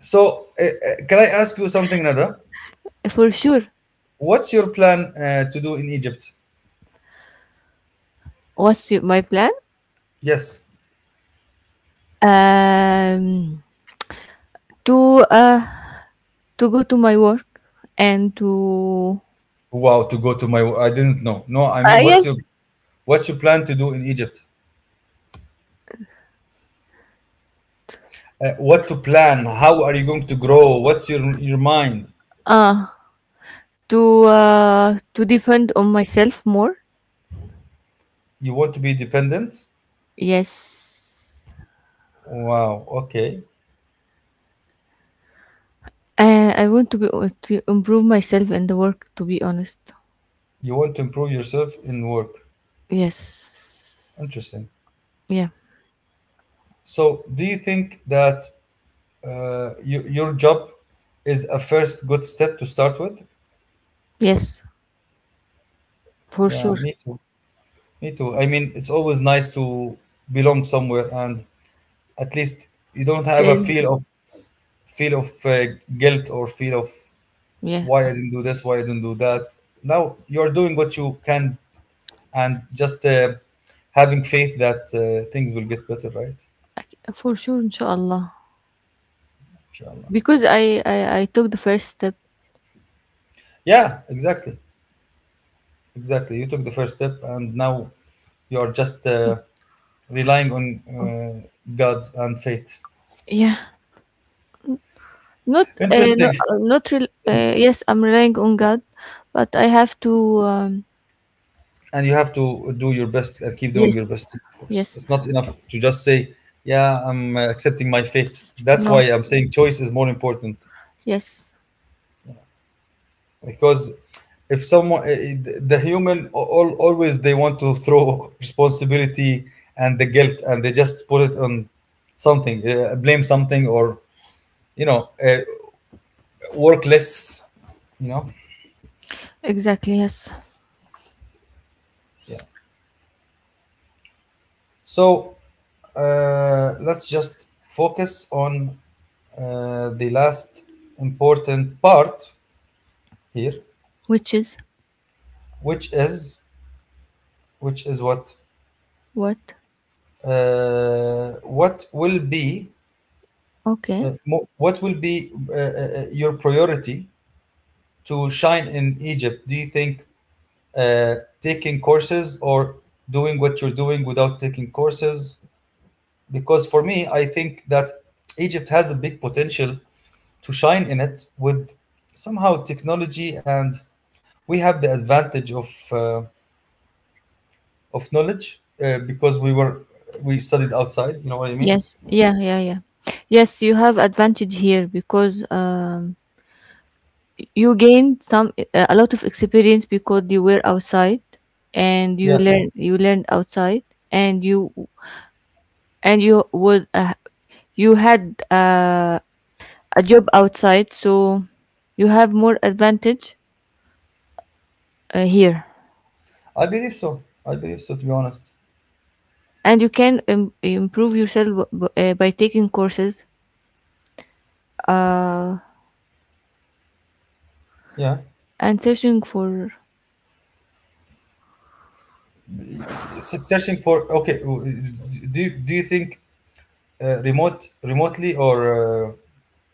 S1: So, can I ask you something, Nada?
S2: for sure.
S1: What's your plan to do in Egypt?
S2: What's my plan?
S1: Yes.
S2: Um to uh to go to my work and to
S1: Wow, to go to my. I didn't know. No, I mean, what's
S2: yes
S1: your What you plan to do in Egypt? What to plan? How are you going to grow? What's your mind?
S2: uh to depend on myself more,
S1: You want to be dependent?
S2: yes,
S1: Wow. Okay.
S2: and I want to be to improve myself in the work, to be honest.
S1: You want to improve yourself in work.
S2: Yes.
S1: Interesting.
S2: Yeah.
S1: So, do you think that your job is a first good step to start with?
S2: Yes, for
S1: Yeah,
S2: sure.
S1: me too. Me too. I mean, it's always nice to belong somewhere, and at least you don't have a
S2: And
S1: feel of guilt or feel of
S2: yeah,
S1: why I didn't do this, why I didn't do that. Now you're doing what you can and just having faith that things will get better, right?
S2: for sure. إن
S1: Inshallah.
S2: because I took the first step.
S1: Yeah, exactly. Exactly. You took the first step and now you're just relying on uh, God and faith.
S2: Yeah. Not no,
S1: Interesting.
S2: not real. Yes, I'm relying on God, but I have to um,
S1: And you have to do your best and keep doing
S2: yes,
S1: your best, of course.
S2: yes,
S1: It's not enough to just say, yeah, I'm accepting my fate. That's why
S2: no,
S1: I'm saying choice is more important.
S2: yes,
S1: Because if someone the human all always they want to throw responsibility and the guilt and they just put it on something blame something or you know work less you know
S2: exactly, yes.
S1: yeah so let's just focus on the last important part here
S2: Which is
S1: which is which is what
S2: what?
S1: what will be
S2: Okay.
S1: What will be your priority to shine in Egypt? Do you think taking courses or doing what you're doing without taking courses? Because for me, I think that Egypt has a big potential to shine in it with somehow technology, and we have the advantage of uh, knowledge because we studied outside. You know what I mean?
S2: Yes. Yeah. Yeah. Yeah. Yes, you have advantage here because you gained some a lot of experience because you were outside and
S1: Yeah,
S2: you learned outside and you. And you would you had a job outside, so you have more advantage here,
S1: I believe so. I believe so. To be honest,
S2: and you can improve yourself by taking courses uh,
S1: yeah.
S2: and searching for
S1: Searching for okay do do you think remotely or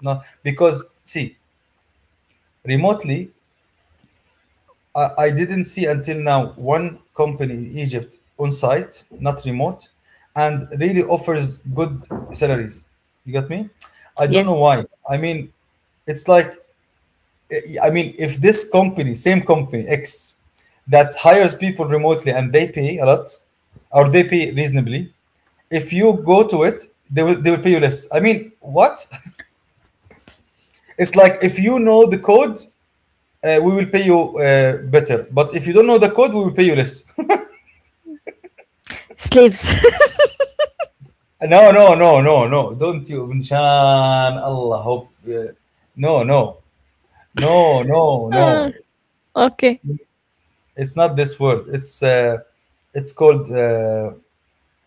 S1: not because see remotely I didn't see until now one company in egypt on site not remote and really offers good salaries you got me I don't know
S2: yes
S1: why I mean it's like I mean, if this company, same company X, that hires people remotely and they pay a lot, or they pay reasonably, if you go to it, they will pay you less. I mean, what? It's like if you know the code, we will pay you better. But if you don't know the code, we will pay you less.
S2: slaves.
S1: No, no. Don't you, Minshan, Allah, hope. No, no,
S2: Ah,
S1: no.
S2: okay.
S1: It's not this word. It's called uh,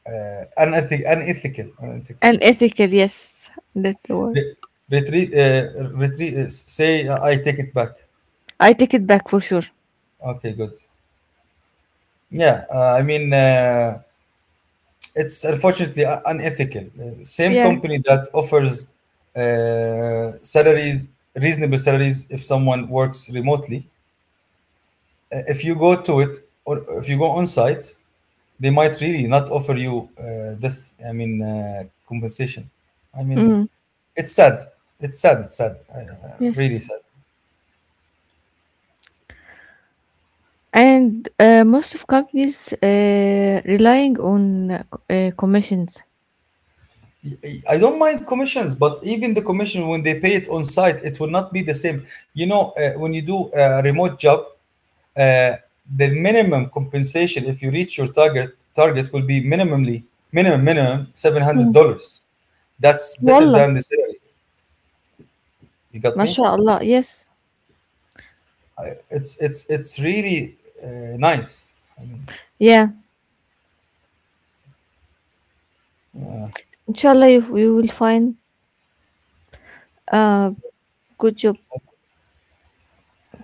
S1: uh, unethic- unethical, unethical.
S2: And ethical, yes, that's the word.
S1: Re- Retreat, retreat. Say I take it back.
S2: I take it back for sure.
S1: Okay, good. Yeah, I mean, it's unfortunately unethical. Same
S2: Yeah.
S1: company that offers salaries, reasonable salaries, if someone works remotely, if you go to it or if you go on site, they might really not offer you this I mean compensation I mean
S2: Mm,
S1: it's sad it's sad
S2: yes.
S1: really sad
S2: And most of companies relying on commissions.
S1: I I don't mind commissions, but even the commission when they pay it on site, it will not be the same. You know, when you do a remote job, uh, the minimum compensation if you reach your target will be minimally minimum minimum seven hundred
S2: Hmm.
S1: dollars. That's better
S2: والله
S1: than the salary. You got
S2: ما
S1: me?
S2: Yes.
S1: It's really nice I mean,
S2: Yeah. إن you will find a good job.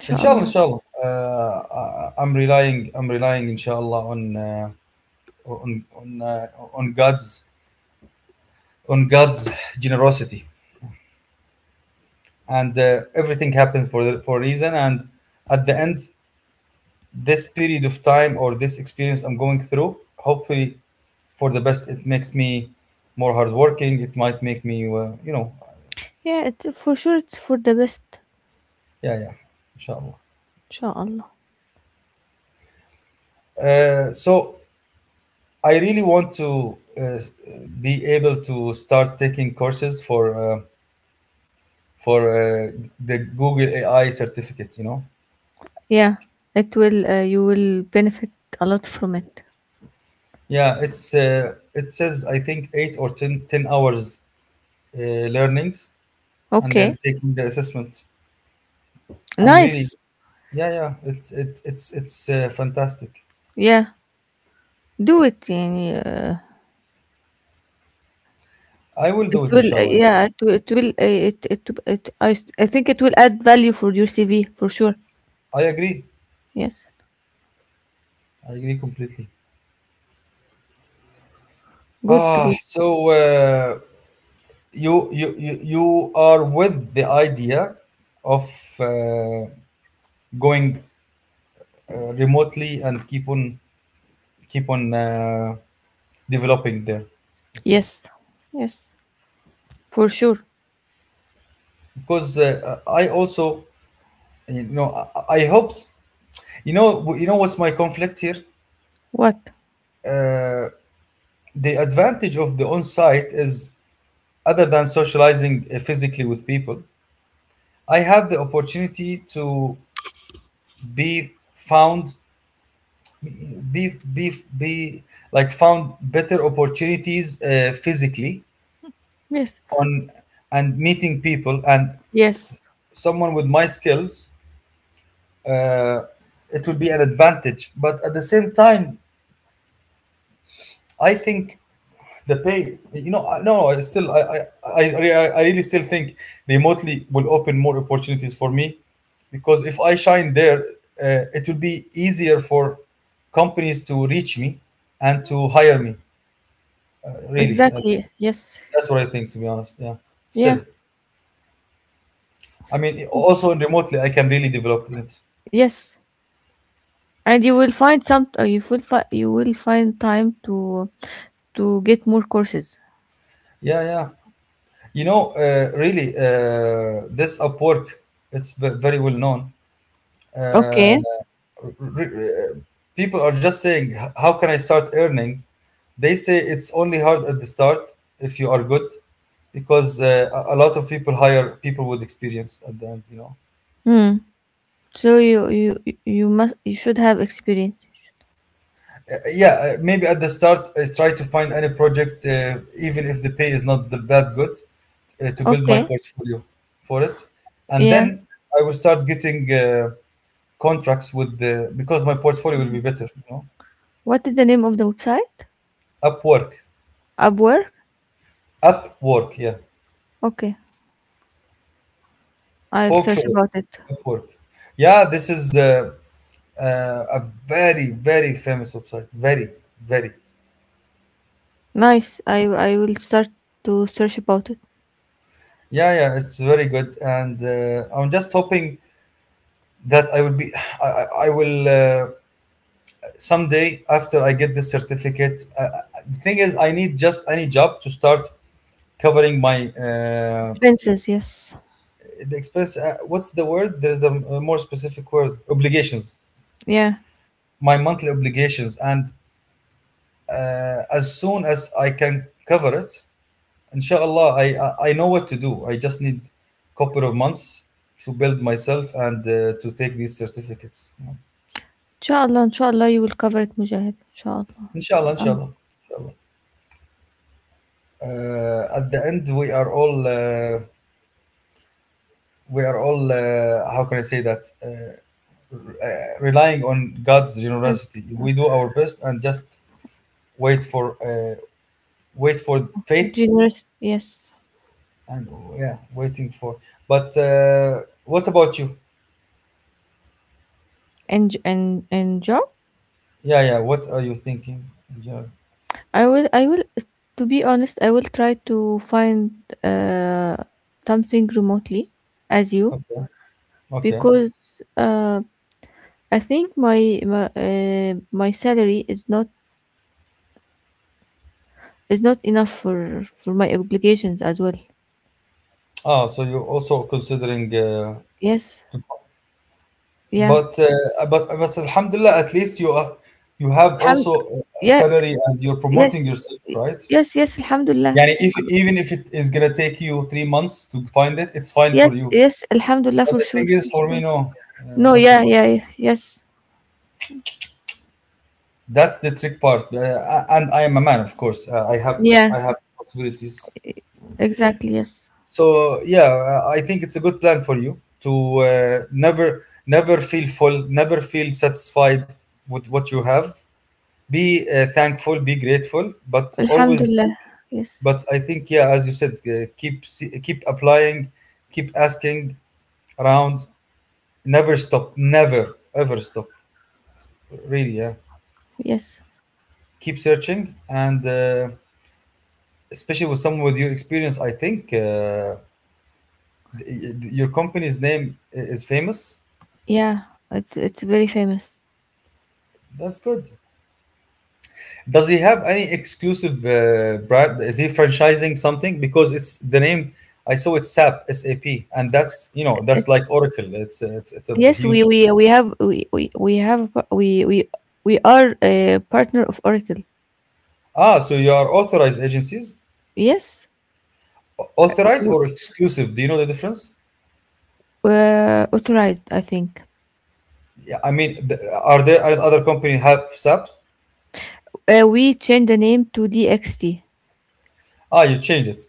S2: إن
S1: inshallah I'm relying inshallah on on on, uh, on god's on god's generosity and everything happens for for a reason and at the end this period of time or this experience I'm going through hopefully for the best it makes me more hardworking it might make me you know
S2: Yeah, it, for sure it's for the best.
S1: yeah yeah inshallah
S2: إن
S1: so I really want to be able to start taking courses for for uh, the Google AI certificate. You know,
S2: Yeah. It will you will benefit a lot from it.
S1: yeah, it's it says I think eight or 10 hours learnings and
S2: Okay.
S1: then taking the assessment. I'm really
S2: Nice.
S1: yeah yeah it's fantastic.
S2: Yeah. Do it يعني
S1: I will
S2: it
S1: do it
S2: will
S1: inshallah.
S2: yeah it will I think it will add value for your CV for sure.
S1: I agree.
S2: Yes.
S1: I agree completely.
S2: Good
S1: Ah,
S2: good.
S1: so you are with the idea of uh, going remotely and keep on keep on uh, developing there let's say
S2: Yes. Yes. For sure.
S1: because I also you know I hope you know what's my conflict here
S2: What?
S1: uh, the advantage of the on-site is other than socializing physically with people I have the opportunity to be found Beef, beef, be like found better opportunities physically
S2: Yes.
S1: on and meeting people and
S2: Yes.
S1: someone with my skills uh, it would be an advantage but at the same time I think the pay you know I- no I still I really still think remotely will open more opportunities for me because if I shine there it will be easier for companies to reach me and to hire me really
S2: Exactly. Yes.
S1: That's what I think, to be honest. Yeah. Still,
S2: Yeah.
S1: I mean, also remotely, I can really develop in it.
S2: Yes. And you will find some. You will you will find time to get more courses.
S1: Yeah, yeah. You know, really, this Upwork, it's very well known. Uh,
S2: Okay.
S1: re- re- People are just saying, How can I start earning?" They say it's only hard at the start if you are good, because a lot of people hire people with experience at the end. You know.
S2: Hmm. So you must you should have experience.
S1: Yeah, maybe at the start, try to find any project, even if the pay is not that good, to build my
S2: Okay.
S1: portfolio for it. And
S2: Yeah.
S1: then I will start getting contracts with the, because my portfolio will be better, you know.
S2: What is the name of the website?
S1: Upwork.
S2: Upwork.
S1: Upwork, yeah.
S2: Okay. I'll search
S1: Folkshore.
S2: about it.
S1: Upwork. Yeah, this is a very, very famous website. Very, very.
S2: Nice. I will start to search about it.
S1: Yeah, yeah, it's very good, and I'm just hoping that I will be, I, I will someday after I get this certificate, the thing is, I need just any job to start covering my
S2: Expenses. Yes.
S1: the expense. What's the word? There's a more specific word. Obligations.
S2: Yeah.
S1: My monthly obligations, and as soon as I can cover it, inshallah, I know what to do. I just need couple of months to build myself and to take these certificates.
S2: Inshallah. Inshallah. You will cover it, Mujahid. Inshallah.
S1: Inshallah,
S2: I'm
S1: inshallah, inshallah. At the end, we are all. We are all how can I say that relying on God's generosity. We do our best and just wait for wait for fate
S2: generous. Yes.
S1: and yeah, waiting for. But what about you?
S2: And job.
S1: Yeah, yeah, what are you thinking in general?
S2: I will, to be honest, I will try to find uh something remotely as you,
S1: Okay. Okay.
S2: because I think my salary is not enough for my obligations as well.
S1: Ah, so you're also considering
S2: Yes.
S1: to.
S2: Yeah.
S1: But but alhamdulillah, at least you are, you have also
S2: Alham-
S1: a
S2: yeah,
S1: salary and you're
S2: yes,
S1: promoting yourself, right?
S2: yes, yes, alhamdulillah,
S1: Yani, if even if it is gonna take you 3 months to find it, it's fine
S2: yes,
S1: for you.
S2: yes, alhamdulillah,
S1: But
S2: for
S1: the
S2: sure,
S1: thing
S2: for
S1: is, for
S2: sure.
S1: me, no.
S2: No,
S1: That's the
S2: yeah,
S1: point.
S2: yeah, yeah, yes,
S1: That's the trick part. And I am a man, of course. I have
S2: yeah,
S1: I have possibilities.
S2: exactly, yes,
S1: So yeah, I think it's a good plan for you to never never feel full, never feel satisfied with what you have. Be thankful, be grateful, but always.
S2: alhamdulillah, yes.
S1: But I think yeah, as you said, keep keep applying, keep asking around. Never stop, never ever stop. Really, yeah.
S2: Yes.
S1: Keep searching, and especially with someone with your experience, I think your company's name is famous.
S2: Yeah. It's very famous.
S1: That's good. Does he have any exclusive brand? Is he franchising something? Because it's the name I saw. It's SAP, SAP, and that's, you know, that's
S2: It's,
S1: like Oracle. It's a
S2: yes,
S1: huge.
S2: we have a par- we are a partner of Oracle.
S1: Ah, so you are authorized agencies.
S2: Yes. Uh,
S1: Authorized
S2: w-
S1: or exclusive? Do you know the difference?
S2: authorized, I think.
S1: Yeah, I mean, are there are other company have SAP?
S2: We changed the name to DXT.
S1: Ah, you changed it.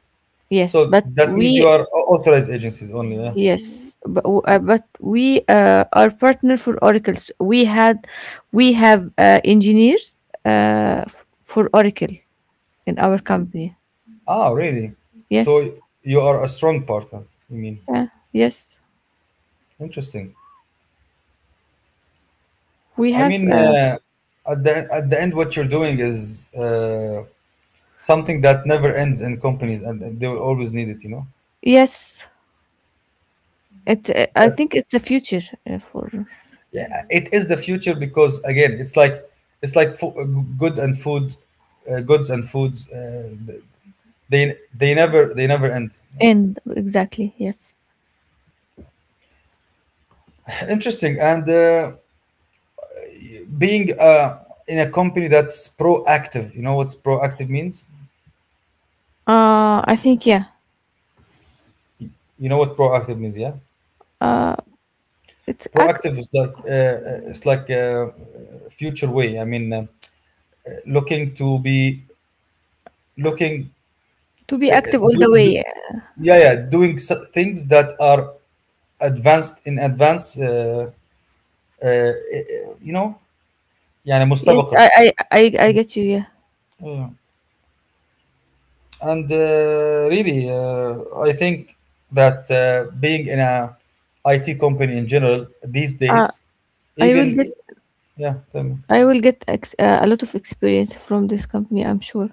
S2: Yes,
S1: So
S2: but
S1: that means you
S2: we
S1: are authorized agencies only. Yeah.
S2: yes, but, we are partner for Oracle. So we have engineers for Oracle in our company.
S1: Ah, really?
S2: Yes.
S1: So you are a strong partner. I mean,
S2: Yeah. Yes.
S1: interesting.
S2: We
S1: I
S2: have.
S1: mean, at the end, what you're doing is something that never ends in companies, and they will always need it. You know.
S2: Yes, it. I
S1: That-
S2: think it's the future for
S1: yeah, it is the future because again, it's like good and food, goods and foods. They never end.
S2: and exactly yes.
S1: Interesting. And being in a company that's proactive, you know what proactive means?
S2: I think yeah,
S1: You know what proactive means, yeah?
S2: it's act
S1: Proactive is like it's like a future way. I mean, looking to be looking,
S2: to be active all
S1: do,
S2: the way.
S1: do,
S2: Yeah.
S1: yeah, yeah, doing things that are advanced in advance. Uh, uh, you know, يعني
S2: Yes,
S1: مستبقة.
S2: I get you. Yeah.
S1: And really I think that being in a IT company in general these
S2: Uh,
S1: days,
S2: I will
S1: even.
S2: get
S1: Yeah, tell me.
S2: I will get a lot of experience from this company. I'm sure.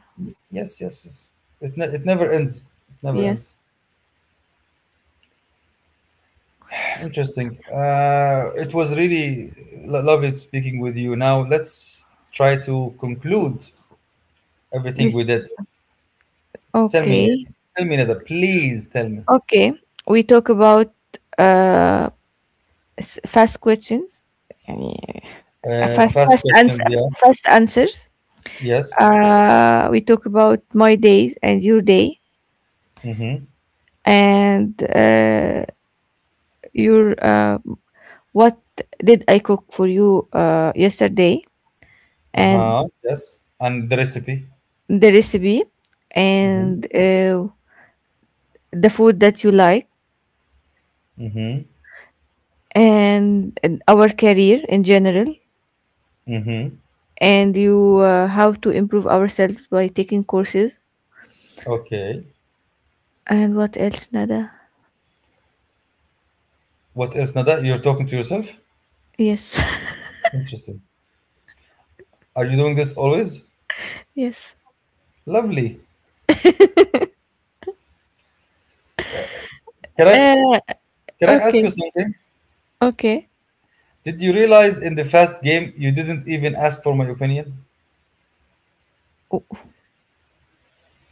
S1: Yes, yes, yes, it never ends, it never
S2: Yes.
S1: ends. Interesting. Uh, it was really lovely speaking with you. Now let's try to conclude everything we
S2: This
S1: did. Tell me,
S2: okay.
S1: tell me another, please tell me.
S2: Okay. We talk about uh fast questions. يعني
S1: Uh,
S2: fast
S1: fast
S2: fast ans-
S1: questions, yeah.
S2: fast answers.
S1: Yes.
S2: Uh, we talk about my days and your day,
S1: Mm-hmm.
S2: and your what did I cook for you yesterday, and
S1: Uh-huh, yes, and the recipe.
S2: the recipe,
S1: Mm-hmm.
S2: and the food that you like,
S1: Mm-hmm.
S2: and our career in general,
S1: Mm-hmm.
S2: and you how to improve ourselves by taking courses,
S1: Okay.
S2: and what else, Nada?
S1: What else, Nada? You're talking to yourself?
S2: Yes.
S1: Interesting. Are you doing this always?
S2: Yes.
S1: Lovely. Can I,
S2: Uh,
S1: can I ask
S2: okay,
S1: you something?
S2: okay.
S1: Did you realize in the fast game you didn't even ask for my opinion?
S2: Wh-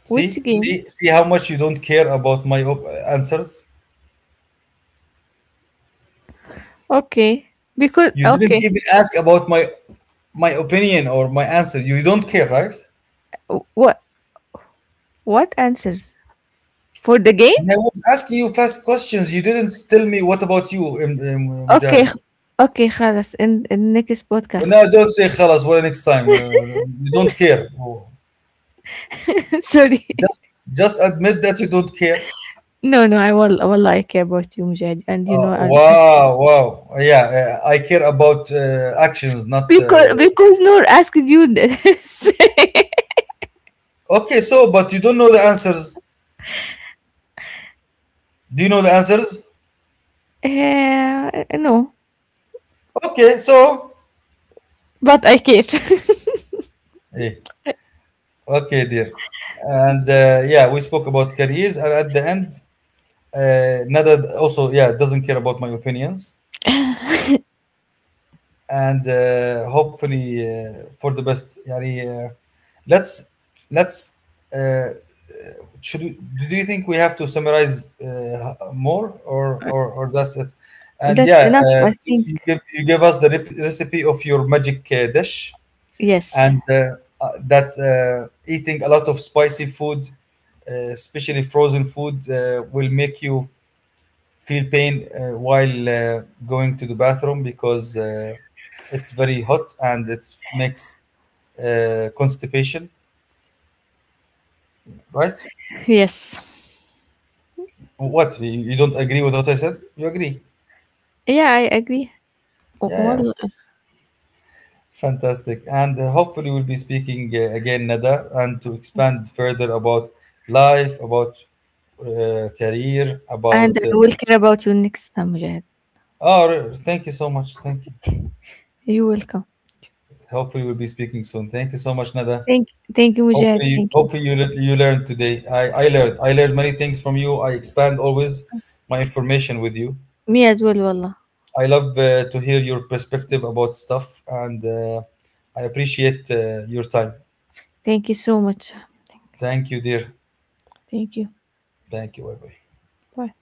S1: See,
S2: which game?
S1: see, see how much you don't care about my answers.
S2: Okay. Because
S1: You didn't
S2: okay.
S1: even ask about my my opinion or my answer. You don't care, right?
S2: What answers for the game?
S1: When I was asking you fast questions, you didn't tell me what about you,
S2: Okay.
S1: Mujahid.
S2: Okay, خلاص in next
S1: Well,
S2: podcast.
S1: no, don't say خلاص ولا next time. You don't care.
S2: Sorry.
S1: Just just admit that you don't care.
S2: No, no, I will والله I care about you, Mujahid. And you know
S1: Wow, wow. Yeah, I care about actions, not.
S2: because Noor asked you this.
S1: Okay, so, but you don't know the answers. Do you know the answers?
S2: Uh, no,
S1: Okay, so.
S2: but I care.
S1: Eh, okay, dear. And yeah, we spoke about careers, and at the end, Nada also, yeah, doesn't care about my opinions. And hopefully for the best يعني let's let's, uh, should we, do you think we have to summarize more, or that's it. And
S2: That's
S1: yeah,
S2: enough, I think.
S1: you give us the recipe of your magic dish.
S2: Yes.
S1: And that eating a lot of spicy food, especially frozen food, will make you feel pain while going to the bathroom, because it's very hot, and it makes constipation, right?
S2: Yes.
S1: What? You don't agree with what I said? You agree?
S2: Yeah, I agree.
S1: Yeah, yeah,
S2: والله.
S1: of course. Fantastic. And hopefully, we'll be speaking again, Nada, and to expand further about life, about career,
S2: And
S1: about.
S2: I will care about you next time, Mujahid.
S1: Oh, thank you so much. Thank you.
S2: You're welcome.
S1: Hopefully, we'll be speaking soon. Thank you so much, Nada.
S2: Thank Thank you, Mujahid.
S1: Hopefully,
S2: Thank you.
S1: hopefully you you learned today. I learned. I learned many things from you. I expand always my information with you.
S2: Me as well والله.
S1: I love to hear your perspective about stuff, and I appreciate your time.
S2: Thank you so much. Thank
S1: Thank you, dear.
S2: thank you.
S1: Thank you. Bye bye.
S2: Bye.